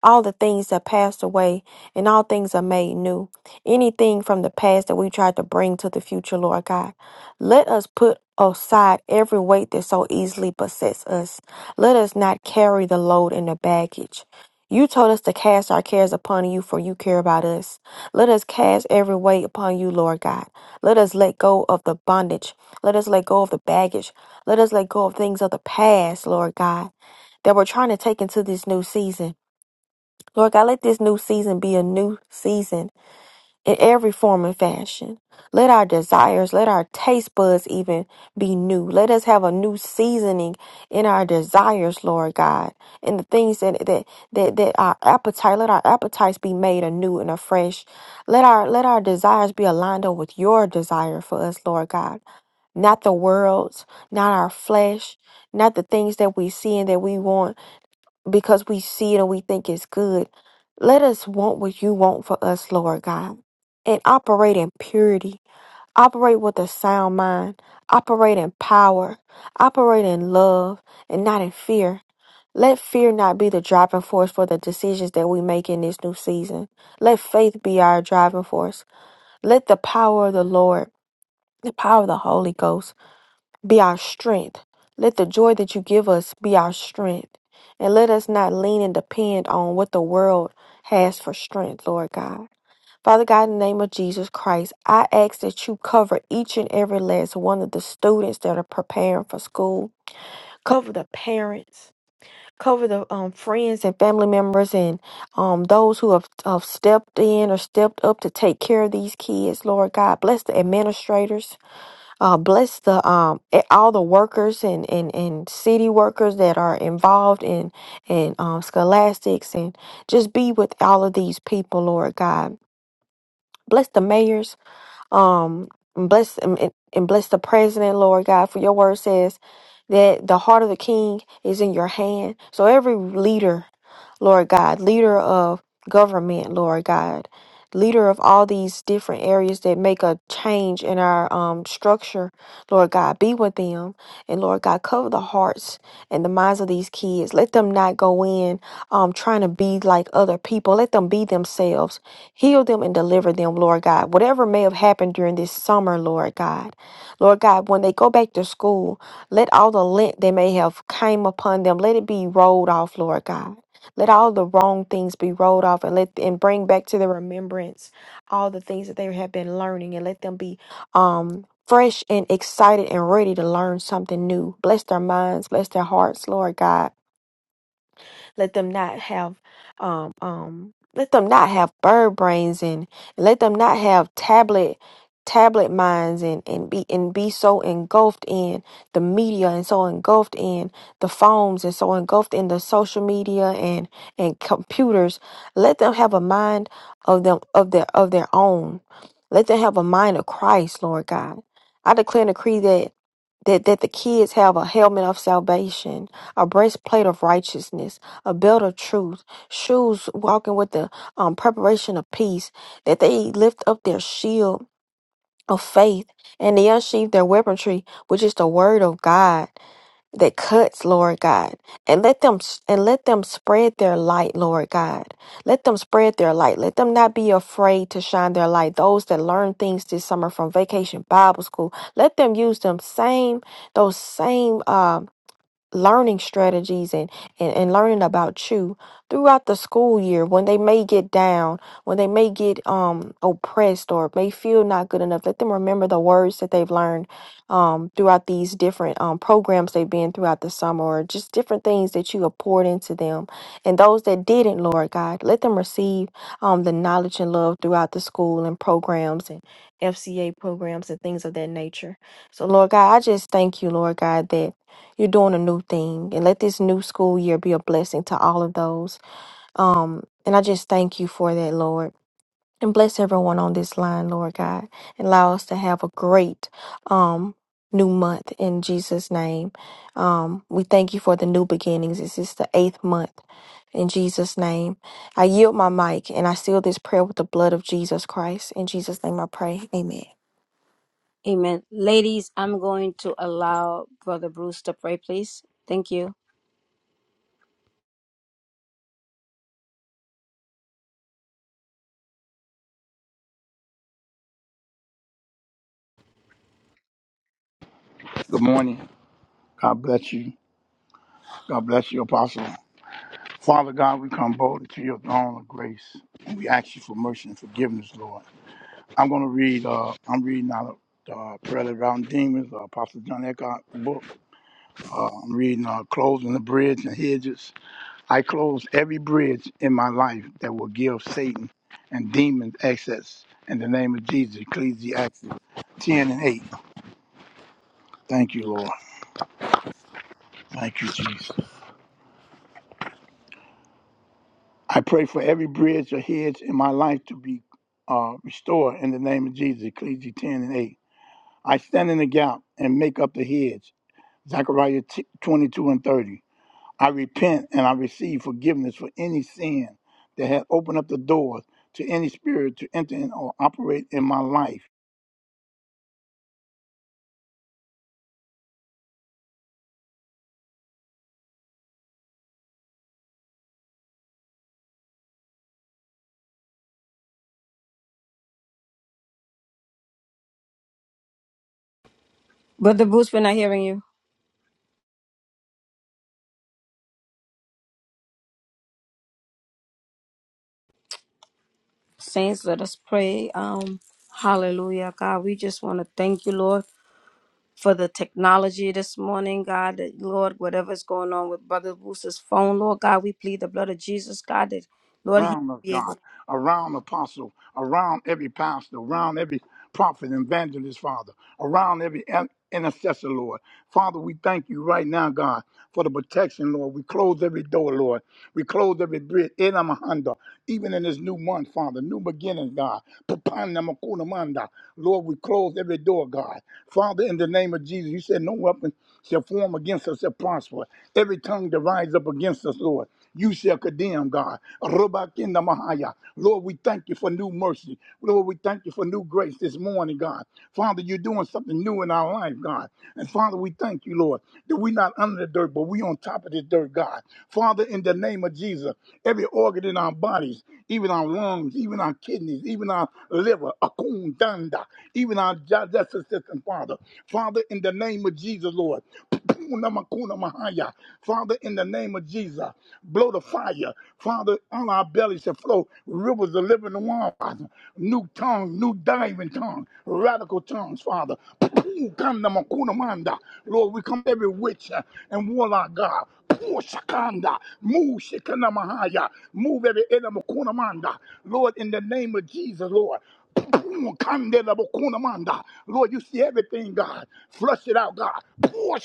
B: all the things that passed away and all things are made new. Anything from the past that we tried to bring to the future, Lord God. Let us put aside every weight that so easily besets us. Let us not carry the load and the baggage. You told us to cast our cares upon you, for you care about us. Let us cast every weight upon you, Lord God. Let us let go of the bondage. Let us let go of the baggage. Let us let go of things of the past, Lord God, that we're trying to take into this new season. Lord God, let this new season be a new season in every form and fashion. Let our desires, let our taste buds even be new. Let us have a new seasoning in our desires, Lord God, and the things that that that, that our appetite, let our appetites be made anew and afresh. Let our let our desires be aligned up with your desire for us, Lord God. Not the world's, not our flesh, not the things that we see and that we want because we see it and we think it's good. Let us want what you want for us, Lord God, and operate in purity, operate with a sound mind, operate in power, operate in love, and not in fear. Let fear not be the driving force for the decisions that we make in this new season. Let faith be our driving force. Let the power of the Lord, the power of the Holy Ghost, be our strength. Let the joy that you give us be our strength. And let us not lean and depend on what the world has for strength, Lord God. Father God, in the name of Jesus Christ, I ask that you cover each and every last one of the students that are preparing for school. Cover the parents, cover the um, friends and family members, and um, those who have, have stepped in or stepped up to take care of these kids, Lord God. Bless the administrators uh, bless the um e- all the workers and, and and city workers that are involved in in um scholastics and just be with all of these people, Lord God. Bless the mayors, um, and bless and, and and bless the president, Lord God. For your word says that the heart of the king is in your hand. So every leader Lord God, leader of government, Lord God, leader of all these different areas that make a change in our um, structure, Lord God, be with them. And Lord God, cover the hearts and the minds of these kids. Let them not go in um, trying to be like other people. Let them be themselves. Heal them and deliver them, Lord God. Whatever may have happened during this summer, Lord God. Lord God, when they go back to school, let all the lint that may have came upon them, let it be rolled off, Lord God. Let all the wrong things be rolled off and let and bring back to the remembrance all the things that they have been learning and let them be um fresh and excited and ready to learn something new. Bless their minds, bless their hearts, Lord God. Let them not have um um let them not have bird brains and let them not have tablet tablet minds and, and be and be so engulfed in the media and so engulfed in the phones and so engulfed in the social media and and computers let them have a mind of them of their of their own let them have a mind of christ lord god i declare and decree that that, that the kids have a helmet of salvation, a breastplate of righteousness, a belt of truth, shoes walking with the um, preparation of peace, that they lift up their shield of faith and they unsheathe their weaponry, which is the word of God that cuts, Lord God. And let them and let them spread their light, Lord God. Let them spread their light. Let them not be afraid to shine their light. Those that learn things this summer from vacation Bible school, let them use them same those same um learning strategies and, and, and learning about you throughout the school year when they may get down, when they may get um oppressed or may feel not good enough. Let them remember the words that they've learned um throughout these different um programs they've been throughout the summer or just different things that you have poured into them. And those that didn't, Lord God, let them receive um the knowledge and love throughout the school and programs and FCA programs and things of that nature. So Lord God, I just thank you, Lord God, that you're doing a new thing, and let this new school year be a blessing to all of those. Um, and I just thank you for that, Lord. And bless everyone on this line, Lord God, and allow us to have a great um new month in Jesus' name. Um, we thank you for the new beginnings. This is the eighth month in Jesus' name. I yield my mic and I seal this prayer with the blood of Jesus Christ. In Jesus' name I pray. Amen.
A: Amen. Ladies, I'm going to allow Brother Bruce to pray, please. Thank you.
G: Good morning. God bless you. God bless you, Apostle. Father God, we come boldly to your throne of grace, and we ask you for mercy and forgiveness, Lord. I'm going to read. Uh, I'm reading out of uh, Prayer of Round Demons, uh, Apostle John Eckhart book. Uh, I'm reading uh, Closing the Bridge and Hedges. I close every bridge in my life that will give Satan and demons access. In the name of Jesus, Ecclesiastes 10 and 8. Thank you, Lord. Thank you, Jesus. I pray for every bridge or hedge in my life to be uh, restored in the name of Jesus, Ecclesiastes 10 and 8. I stand in the gap and make up the hedge, Zechariah t- 22 and 30. I repent and I receive forgiveness for any sin that had opened up the doors to any spirit to enter in or operate in my life.
A: Brother Bruce, we're not hearing you. Saints, let us pray. Um, hallelujah. God, we just want to thank you, Lord, for the technology this morning, God. That, Lord, whatever's going on with Brother Bruce's phone, Lord God, we plead the blood of Jesus, God, that Lord, he
G: around us,
A: be
G: God,
A: able.
G: around apostle, around every pastor, around every prophet, and evangelist, Father, around every an- intercessor, Lord. Father, we thank you right now, God, for the protection, Lord. We close every door, Lord. We close every bridge in Amahanda, even in this new month, Father, new beginnings, God. Lord, we close every door, God. Father, in the name of Jesus, you said no weapon shall form against us shall prosper. Every tongue that rise up against us, Lord, you shall condemn, God. Rubakinda Mahaya. Lord, we thank you for new mercy. Lord, we thank you for new grace this morning, God. Father, you're doing something new in our life, God. And Father, we thank you, Lord, that we're not under the dirt, but we on top of this dirt, God. Father, in the name of Jesus, every organ in our bodies, even our lungs, even our kidneys, even our liver, akundanda, even our justice system, Father. Father, in the name of Jesus, Lord. Puna makuna mahaya. Father, in the name of Jesus, blow the fire. Father, on our bellies shall flow rivers of living water. New tongue, new diving tongue, radical tongues, Father. Puna makuna manda. Lord, we come every witch uh, and warlock, God. Puna shakanda. Move shikana mahaya. Move every enemy, kuna manda. Lord, Lord, in the name of Jesus, Lord. Boom, kandela manda. Lord, you see everything, God. Flush it out, God. Boom,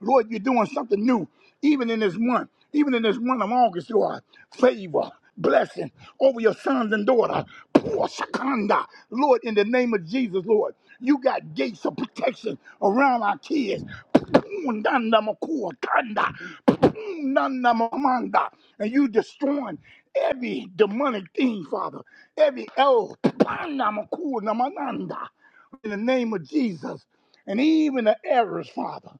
G: Lord, you're doing something new. Even in this month, even in this month of August, Lord, favor, blessing over your sons and daughters, Boom, Lord, in the name of Jesus, Lord, you got gates of protection around our kids. Boom, makua kanda. Boom, danda And you destroying every demonic thing, Father, every El Panamaku namananda, in the name of Jesus, and even the errors, Father.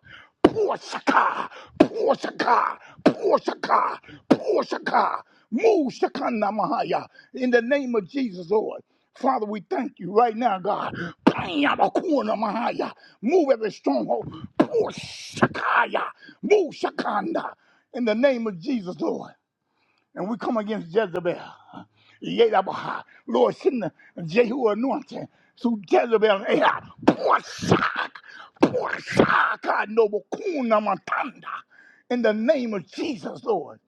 G: Porshaka, Porshaka, Porshaka, Porshaka, Mushakana Mahaya, in the name of Jesus, Lord. Father, we thank you right now, God. Payamakuna Mahaya, move every stronghold. Porshakaya, Mushakanda, in the name of Jesus, Lord. And we come against Jezebel. Yedabaha. Lord, send the Jehu anointing to Jezebel and Ahab. Pour shock. Pour God, noble kuna matanda. In the name of Jesus, Lord.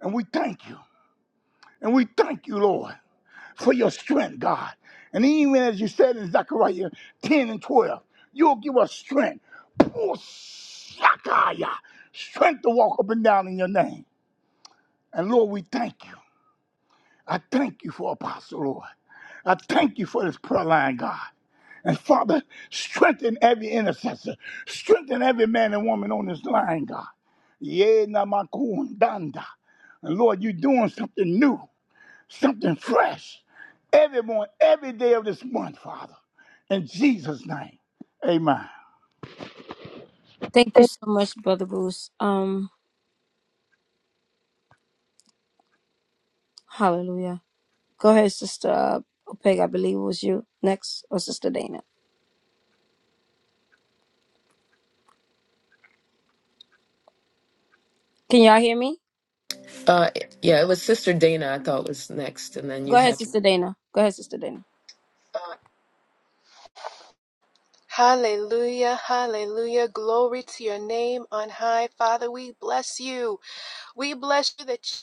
G: And we thank you. And we thank you, Lord, for your strength, God. And even as you said in Zechariah 10 and 12, you'll give us strength. Pour shakaya. Strength to walk up and down in your name. And Lord, we thank you. I thank you for Apostle Lord. I thank you for this prayer line, God. And Father, strengthen every intercessor. Strengthen every man and woman on this line, God. Yeah, namakun danda. And Lord, you're doing something new, something fresh. Every morning, every day of this month, Father. In Jesus' name. Amen.
A: Thank you so much, Brother Bruce. Um, hallelujah. Go ahead, Sister uh, Opeg, I believe it was you next, or Sister Dana. Can y'all hear me?
H: Uh, yeah, it was Sister Dana. I thought was next, and then
A: Go
H: you
A: ahead,
H: had.
A: Sister Dana. Go ahead, Sister Dana.
E: Hallelujah, hallelujah. Glory to your name on high. Father, we bless you. We bless you that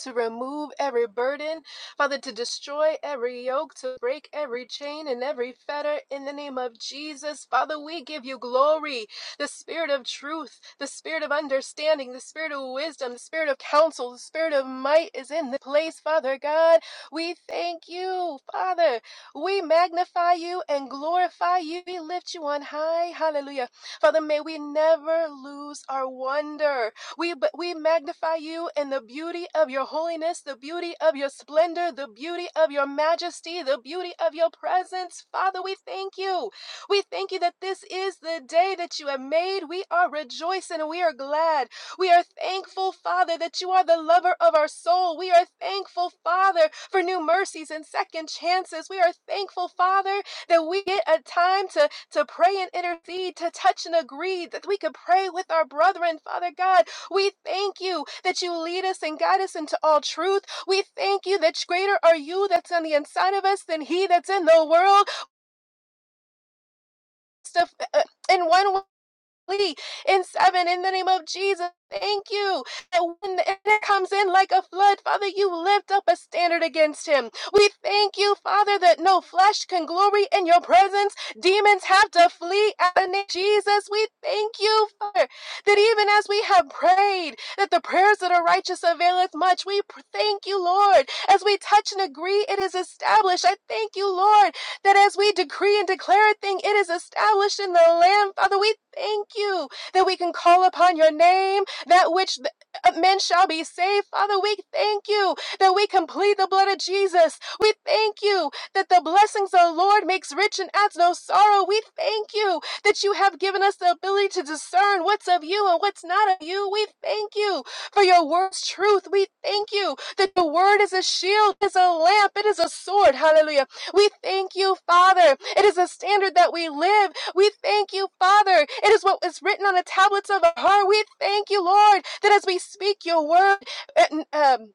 E: to remove every burden, Father, to destroy every yoke, to break every chain and every fetter in the name of Jesus. Father, we give you glory. The spirit of truth, the spirit of understanding, the spirit of wisdom, the spirit of counsel, the spirit of might is in the place, Father God. We thank you, Father. We magnify you and glorify you. We lift you on high. Hallelujah. Father, may we never lose our wonder. We, we magnify you in the beauty of your holiness, the beauty of your splendor, the beauty of your majesty, the beauty of your presence. Father, we thank you. We thank you that this is the day that you have made. We are rejoicing and we are glad. We are thankful, Father, that you are the lover of our soul. We are thankful, Father, for new mercies and second chances. We are thankful, Father, that we get a time to, to pray and intercede, to touch and agree, that we could pray with our brethren, Father God we thank you that you lead us and guide us into all truth. We thank you that greater are you that's on the inside of us than he that's in the world. uh, In one way in seven in the name of Jesus. Thank you. That when the enemy comes in like a flood, Father, you lift up a standard against him. We thank you, Father, that no flesh can glory in your presence. Demons have to flee at the name of Jesus. We thank you, Father, that even as we have prayed, that the prayers that are righteous availeth much. We pr- thank you, Lord. As we touch and agree, it is established. I thank you, Lord, that as we decree and declare a thing, it is established in the land. Father, we thank you that we can call upon your name, that which uh, men shall be saved. Father, we thank you that we can plead the blood of Jesus. We thank you that the blessings of the Lord makes rich and adds no sorrow. We thank you that you have given us the ability to discern what's of you and what's not of you. We thank you for your word's truth. We thank you that the word is a shield, is a lamp, it is a sword. Hallelujah. We thank you, Father. It is a standard that we live. We thank you, Father. It is what is written on the tablets of our heart. We thank you, Lord, that as we speak your word, uh, um,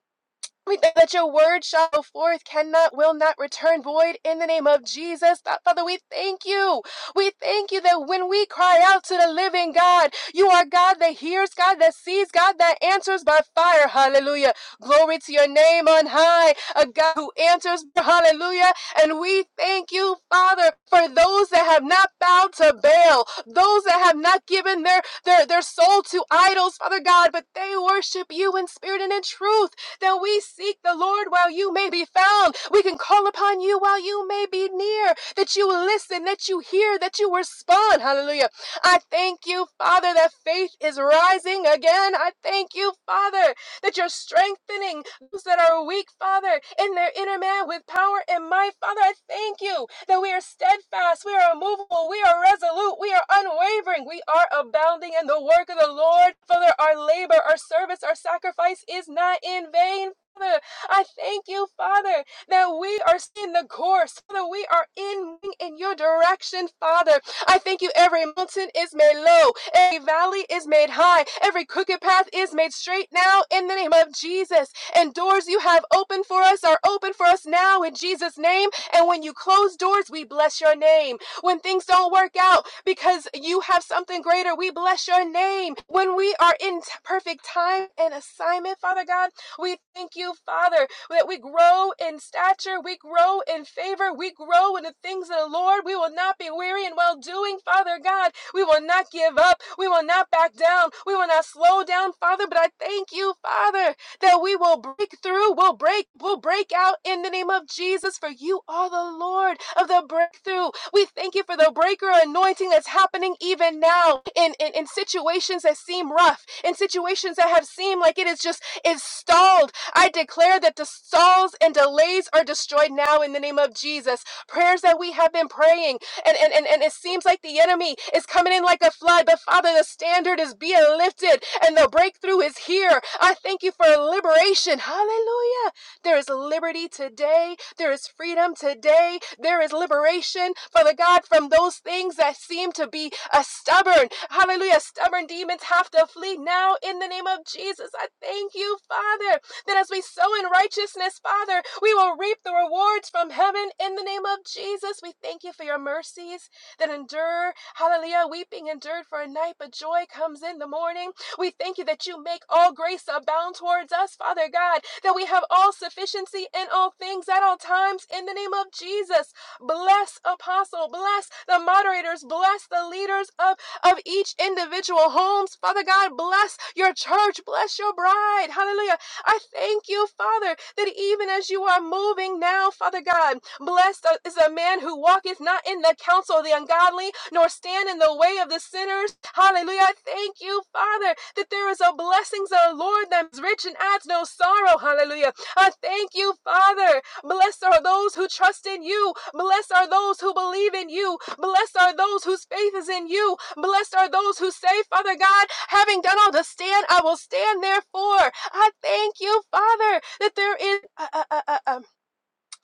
E: we thank that your word shall go forth, cannot, will not return void in the name of Jesus. Father, we thank you. We thank you that when we cry out to the living God, you are God that hears, God that sees, God that answers by fire. Hallelujah. Glory to your name on high, a God who answers. Hallelujah. And we thank you, Father, for those that have not bowed to Baal, those that have not given their, their, their soul to idols, Father God, but they worship you in spirit and in truth that we seek the Lord while you may be found. We can call upon you while you may be near, that you listen, that you hear, that you respond. Hallelujah. I thank you, Father, that faith is rising again. I thank you, Father, that you're strengthening those that are weak, Father, in their inner man with power and might. Father, I thank you that we are steadfast, we are immovable, we are resolute, we are unwavering, we are abounding in the work of the Lord. Father, our labor, our service, our sacrifice is not in vain. Father, I thank you, Father, that we are in the course, Father, we are in in your direction, Father. I thank you. Every mountain is made low, every valley is made high, every crooked path is made straight now in the name of Jesus. And doors you have open for us are open for us now in Jesus' name. And when you close doors, we bless your name. When things don't work out because you have something greater, we bless your name. When we are in perfect time and assignment, Father God, we thank you, Father, that we grow in stature, we grow in favor, we grow in the things of the Lord. We will not be weary in well doing, Father God. We will not give up. We will not back down. We will not slow down, Father. But I thank you, Father, that we will break through, we'll break, we'll break out in the name of Jesus, for you are the Lord of the breakthrough. We thank you for the breaker anointing that's happening even now in, in, in situations that seem rough, in situations that have seemed like it is just is stalled. I declare that the stalls and delays are destroyed now in the name of Jesus. Prayers that we have been praying and, and, and, and it seems like the enemy is coming in like a flood. But Father, the standard is being lifted and the breakthrough is here. I thank you for liberation. Hallelujah. There is liberty today. There is freedom today. There is liberation, Father God, from those things that seem to be a stubborn. Hallelujah. Stubborn demons have to flee now in the name of Jesus. I thank you, Father that as we sow in righteousness, Father, we will reap the rewards from heaven in the name of Jesus. We thank you for your mercies that endure. Hallelujah. Weeping endured for a night, but joy comes in the morning. We thank you that you make all grace abound towards us, Father God, that we have all sufficiency in all things at all times in the name of Jesus. Bless apostle, bless the moderators, bless the leaders of of each individual homes. Father God, bless your church, bless your bride. Hallelujah. I thank you, Father, that even as you are moving now, Father God, blessed is a man who walketh not in the counsel of the ungodly, nor stand in the way of the sinners. Hallelujah. I Thank you, Father, that there is a blessings of the Lord that is rich and adds no sorrow. Hallelujah. I thank you, Father. Blessed are those who trust in you. Blessed are those who believe in you. Blessed are those whose faith is in you. Blessed are those who say, Father God, having done all to stand, I will stand therefore. I thank you, Father, that there is a, a, a, a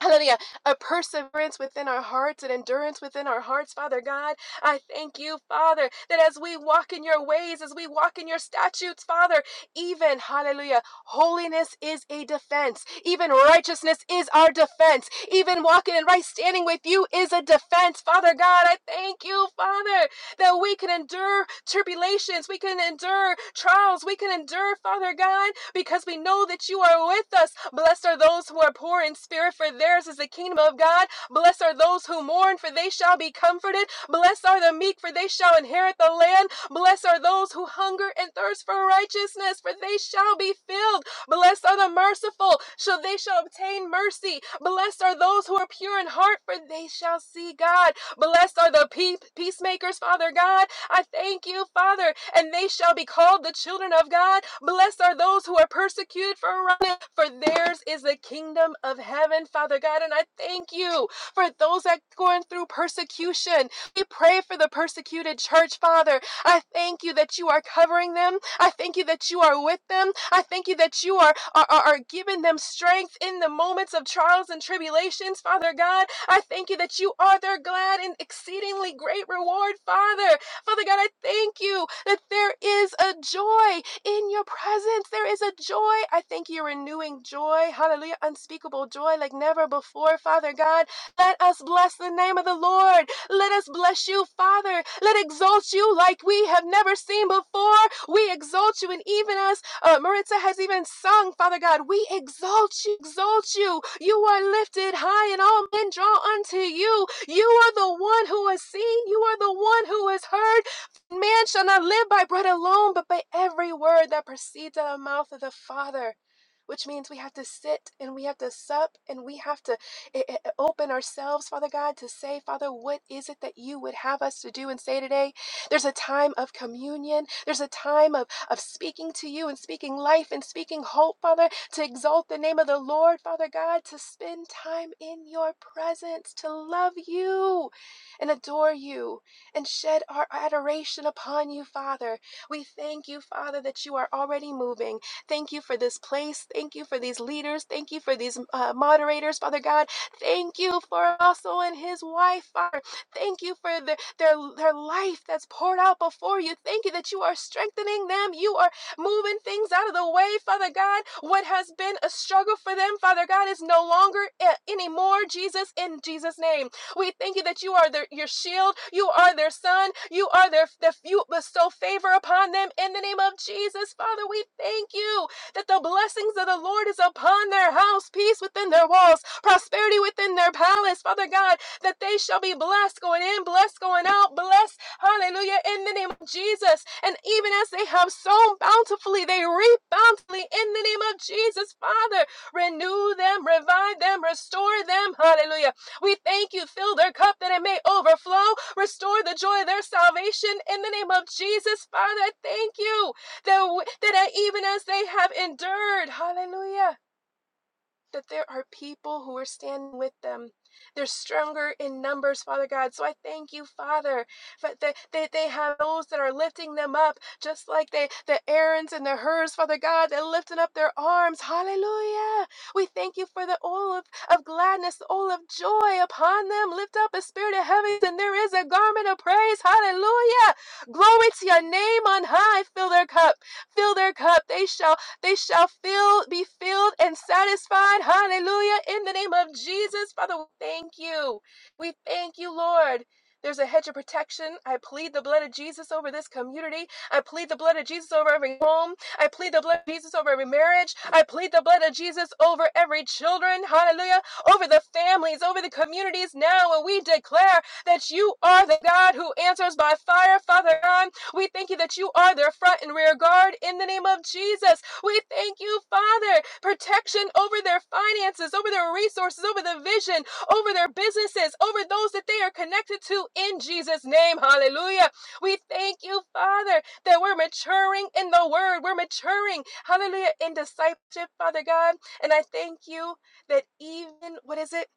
E: Hallelujah. A perseverance within our hearts and endurance within our hearts, Father God. I thank you, Father, that as we walk in your ways, as we walk in your statutes, Father, even, hallelujah, holiness is a defense. Even righteousness is our defense. Even walking in right standing with you is a defense, Father God. I thank you, Father that we can endure tribulations, we can endure trials, we can endure, Father God, because we know that you are with us. Blessed are those who are poor in spirit, for theirs is the kingdom of God. Blessed are those who mourn, for they shall be comforted. Blessed are the meek, for they shall inherit the land. Blessed are those who hunger and thirst for righteousness, for they shall be filled. Blessed are the merciful, so they shall obtain mercy. Blessed are those who are pure in heart, for they shall see God. Blessed are the pea- peacemakers, Father God. I thank you, Father, and they shall be called the children of God. Blessed are those who are persecuted for running, for theirs is the kingdom of heaven, Father God. And I thank you for those that are going through persecution. We pray for the persecuted church, Father. I thank you that you are covering them. I thank you that you are with them. I thank you that you are, are, are, giving them strength in the moments of trials and tribulations, Father God. I thank you that you are their glad and exceedingly great reward, Father. Father God, I thank you that there is a joy in your presence. There is a joy. I thank you, renewing joy. Hallelujah. Unspeakable joy like never before, Father God. Let us bless the name of the Lord. Let us bless you, Father. Let exalt you like we have never seen before. We exalt you. And even as uh, Maritza has even sung, Father God, we exalt you, exalt you. You are lifted high, and all men draw unto you. You are the one who has seen, you are the one who has heard. Man shall not live by bread alone, but by every word that proceeds out of the mouth of the Father. Which means we have to sit and we have to sup and we have to eh, eh, eh, open ourselves, Father God, to say, Father, what is it that you would have us to do and say today? There's a time of communion. There's a time of, of speaking to you and speaking life and speaking hope, Father, to exalt the name of the Lord, Father God, to spend time in your presence, to love you and adore you and shed our adoration upon you, Father. We thank you, Father, that you are already moving. Thank you for this place. Thank you for these leaders. Thank you for these uh, moderators, Father God. Thank you for also and his wife, Father. Thank you for their, their, their life that's poured out before you. Thank you that you are strengthening them. You are moving things out of the way, Father God. What has been a struggle for them, Father God, is no longer a- anymore, Jesus, in Jesus' name. We thank you that you are their, your shield, you are their son, you are their, their you bestow favor upon them in the name of Jesus, Father. We thank you that the blessings of the Lord is upon their house, peace within their walls, prosperity within their palace, Father God, that they shall be blessed going in, blessed going out, blessed, hallelujah, in the name of Jesus. And even as they have sown bountifully, they reap bountifully in the name of Jesus, Father. Renew them, revive them, restore them, hallelujah. We thank you, fill their cup that it may overflow, restore the joy of their salvation in the name of Jesus, Father. I Thank you that, that even as they have endured, hallelujah, that there are people who are standing with them. They're stronger in numbers, Father God. So I thank you, Father, that they, they, they have those that are lifting them up, just like they, the Aarons and the Hers, Father God, they're lifting up their arms. Hallelujah. We thank you for the oil of, of gladness, the oil of joy upon them. Lift up a spirit of heaviness, and there is a garment of praise. Hallelujah. Glory to your name on high. Fill their cup. Fill their cup. They shall they shall fill, be filled and satisfied. Hallelujah. In the name of Jesus. Father, we thank you. We thank you, Lord. There's a hedge of protection. I plead the blood of Jesus over this community. I plead the blood of Jesus over every home. I plead the blood of Jesus over every marriage. I plead the blood of Jesus over every children. Hallelujah. Over the families, over the communities now. And we declare that you are the God who answers by fire, Father God. We thank you that you are their front and rear guard in the name of Jesus. We thank you, Father, protection over their finances, over their resources, over the vision, over their businesses, over those that they are connected to in Jesus' name. Hallelujah. We thank you, Father, that we're maturing in the word. We're maturing, hallelujah, in discipleship, Father God. And I thank you that even, what is it?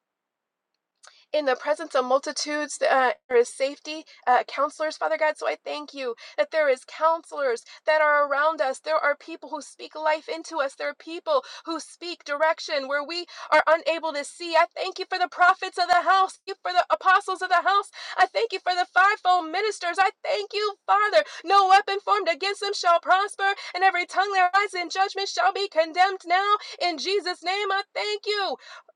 E: in the presence of multitudes, uh, there is safety. Uh, counselors, Father God, so I thank you that there is counselors that are around us. There are people who speak life into us. There are people who speak direction where we are unable to see. I thank you for the prophets of the house, Thank you for the apostles of the house. I thank you for the fivefold ministers. I thank you, Father. No weapon formed against them shall prosper, and every tongue that rises in judgment shall be condemned now. In Jesus' name, I thank you.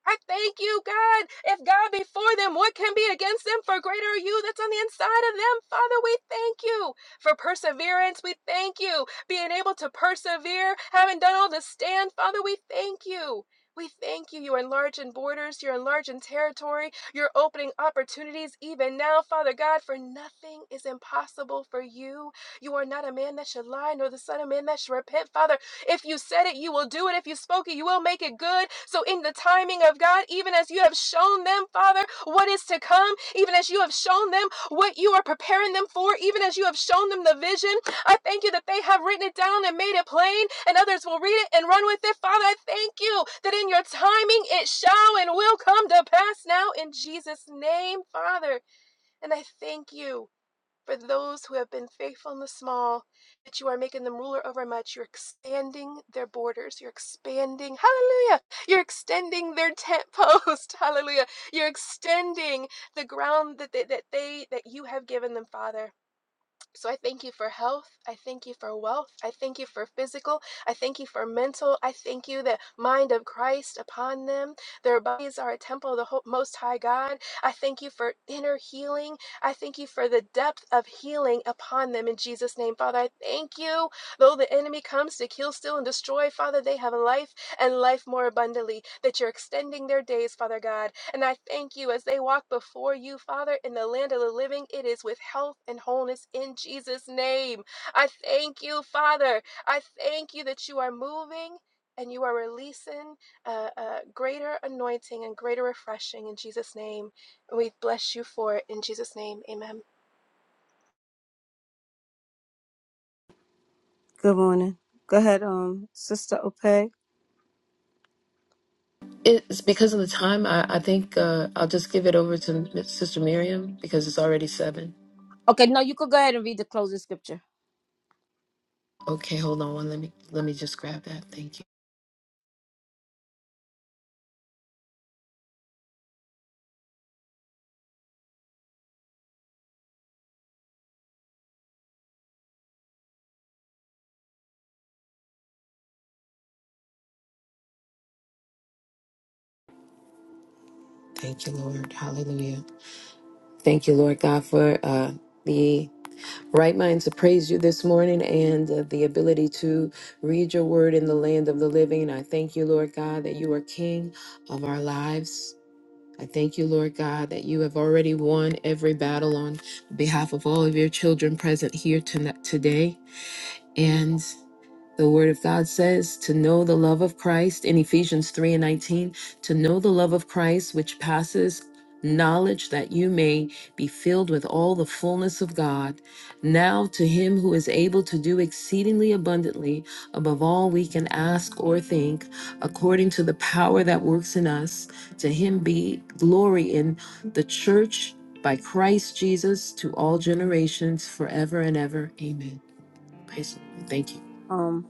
E: I thank you, God. If God be for them, what can be against them? For greater are you that's on the inside of them. Father, we thank you for perseverance. We thank you being able to persevere, having done all to stand. Father, we thank you. We thank you. You're enlarging borders. You're enlarging territory. You're opening opportunities even now, Father God, for nothing is impossible for you. You are not a man that should lie, nor the Son of Man that should repent, Father. If you said it, you will do it. If you spoke it, you will make it good. So, in the timing of God, even as you have shown them, Father, what is to come, even as you have shown them what you are preparing them for, even as you have shown them the vision, I thank you that they have written it down and made it plain, and others will read it and run with it. Father, I thank you that in your timing it shall and will come to pass now in Jesus' name, Father. And I thank you for those who have been faithful in the small, that you are making them ruler over much. You're expanding their borders. You're expanding, hallelujah. You're extending their tent post, hallelujah. You're extending the ground that they, that they that you have given them, Father. So I thank you for health. I thank you for wealth. I thank you for physical. I thank you for mental. I thank you the mind of Christ upon them. Their bodies are a temple of the Most High God. I thank you for inner healing. I thank you for the depth of healing upon them in Jesus' name. Father, I thank you. Though the enemy comes to kill, steal, and destroy, Father, they have life and life more abundantly, that you're extending their days, Father God. And I thank you as they walk before you, Father, in the land of the living. It is with health and wholeness in Jesus' name. I thank you, Father. I thank you that you are moving. And you are releasing uh, uh, greater anointing and greater refreshing in Jesus' name. And we bless you for it in Jesus' name. Amen.
A: Good morning. Go ahead, um, Sister Opeg.
H: It's because of the time. I I think uh, I'll just give it over to Sister Miriam because it's already seven.
A: Okay, no, you could go ahead and read the closing scripture.
H: Okay, hold on one. Let me let me just grab that. Thank you. Thank you, Lord. Hallelujah. Thank you, Lord God, for uh, the right mind to praise you this morning and uh, the ability to read your word in the land of the living. I thank you, Lord God, that you are King of our lives. I thank you, Lord God, that you have already won every battle on behalf of all of your children present here tonight, today. and. The Word of God says to know the love of Christ in Ephesians 3 and 19, to know the love of Christ which passes knowledge, that you may be filled with all the fullness of God. Now to Him who is able to do exceedingly abundantly above all we can ask or think, according to the power that works in us, to Him be glory in the church by Christ Jesus to all generations forever and ever. Amen. Praise the Lord. Thank you.
A: Um,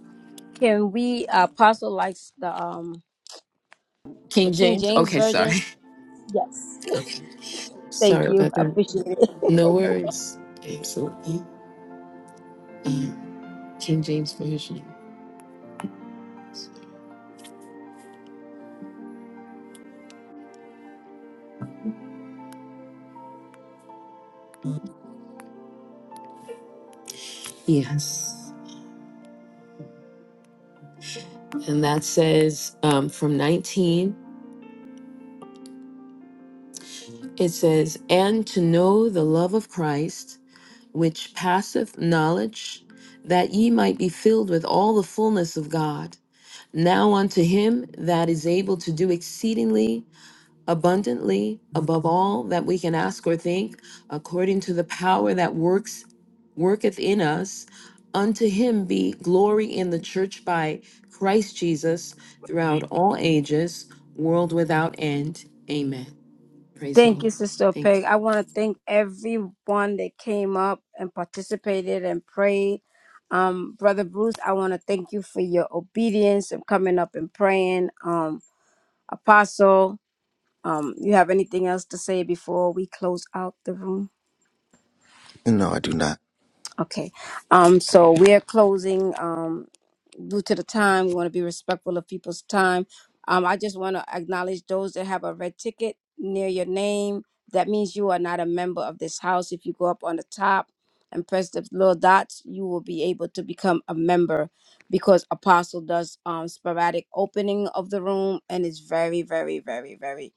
A: can we uh, apostle likes the um
H: King
A: the King
H: James?
A: James
H: Okay,
A: version?
H: sorry.
A: Yes.
H: Okay. Sorry
A: Thank you.
H: about
A: I
H: that.
A: appreciate it.
H: No worries. Absolutely. Um, King James Version. Yes. And that says um, from 19, it says, And to know the love of Christ, which passeth knowledge, that ye might be filled with all the fullness of God. Now unto him that is able to do exceedingly abundantly above all that we can ask or think, according to the power that works worketh in us. Unto him be glory in the church by Christ Jesus throughout all ages, world without end. Amen. Praise the
A: Thank you,
H: Lord.
A: Sister
H: Thank
A: Peg.
H: you.
A: I want to thank everyone that came up and participated and prayed. Um, Brother Bruce, I want to thank you for your obedience and coming up and praying. Um, Apostle. um you have anything else to say before we close out the room
C: No, I do not.
A: okay um so we're closing um due to the time we want to be respectful of people's time um i just want to acknowledge those that have a red ticket near your name that means you are not a member of this house if you go up on the top and press the little dots you will be able to become a member because apostle does um sporadic opening of the room and it's very very very very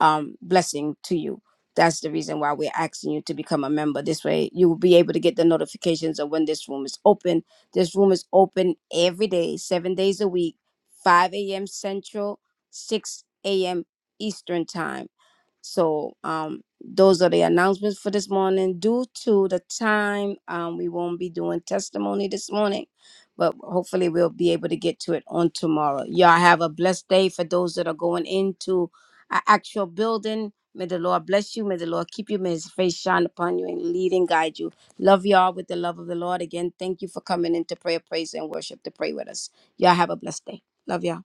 A: um, blessing to you. That's the reason why we're asking you to become a member. This way, you will be able to get the notifications of when this room is open. This room is open every day, seven days a week, 5 a.m. Central, 6 a.m. Eastern Time. So um, those are the announcements for this morning. Due to the time, um, we won't be doing testimony this morning, but hopefully we'll be able to get to it on tomorrow. Y'all have a blessed day for those that are going into an actual building. May the Lord bless you. May the Lord keep you. May his face shine upon you and lead and guide you. Love y'all with the love of the Lord. Again, thank you for coming into prayer, praise, and worship to pray with us. Y'all have a blessed day. Love y'all.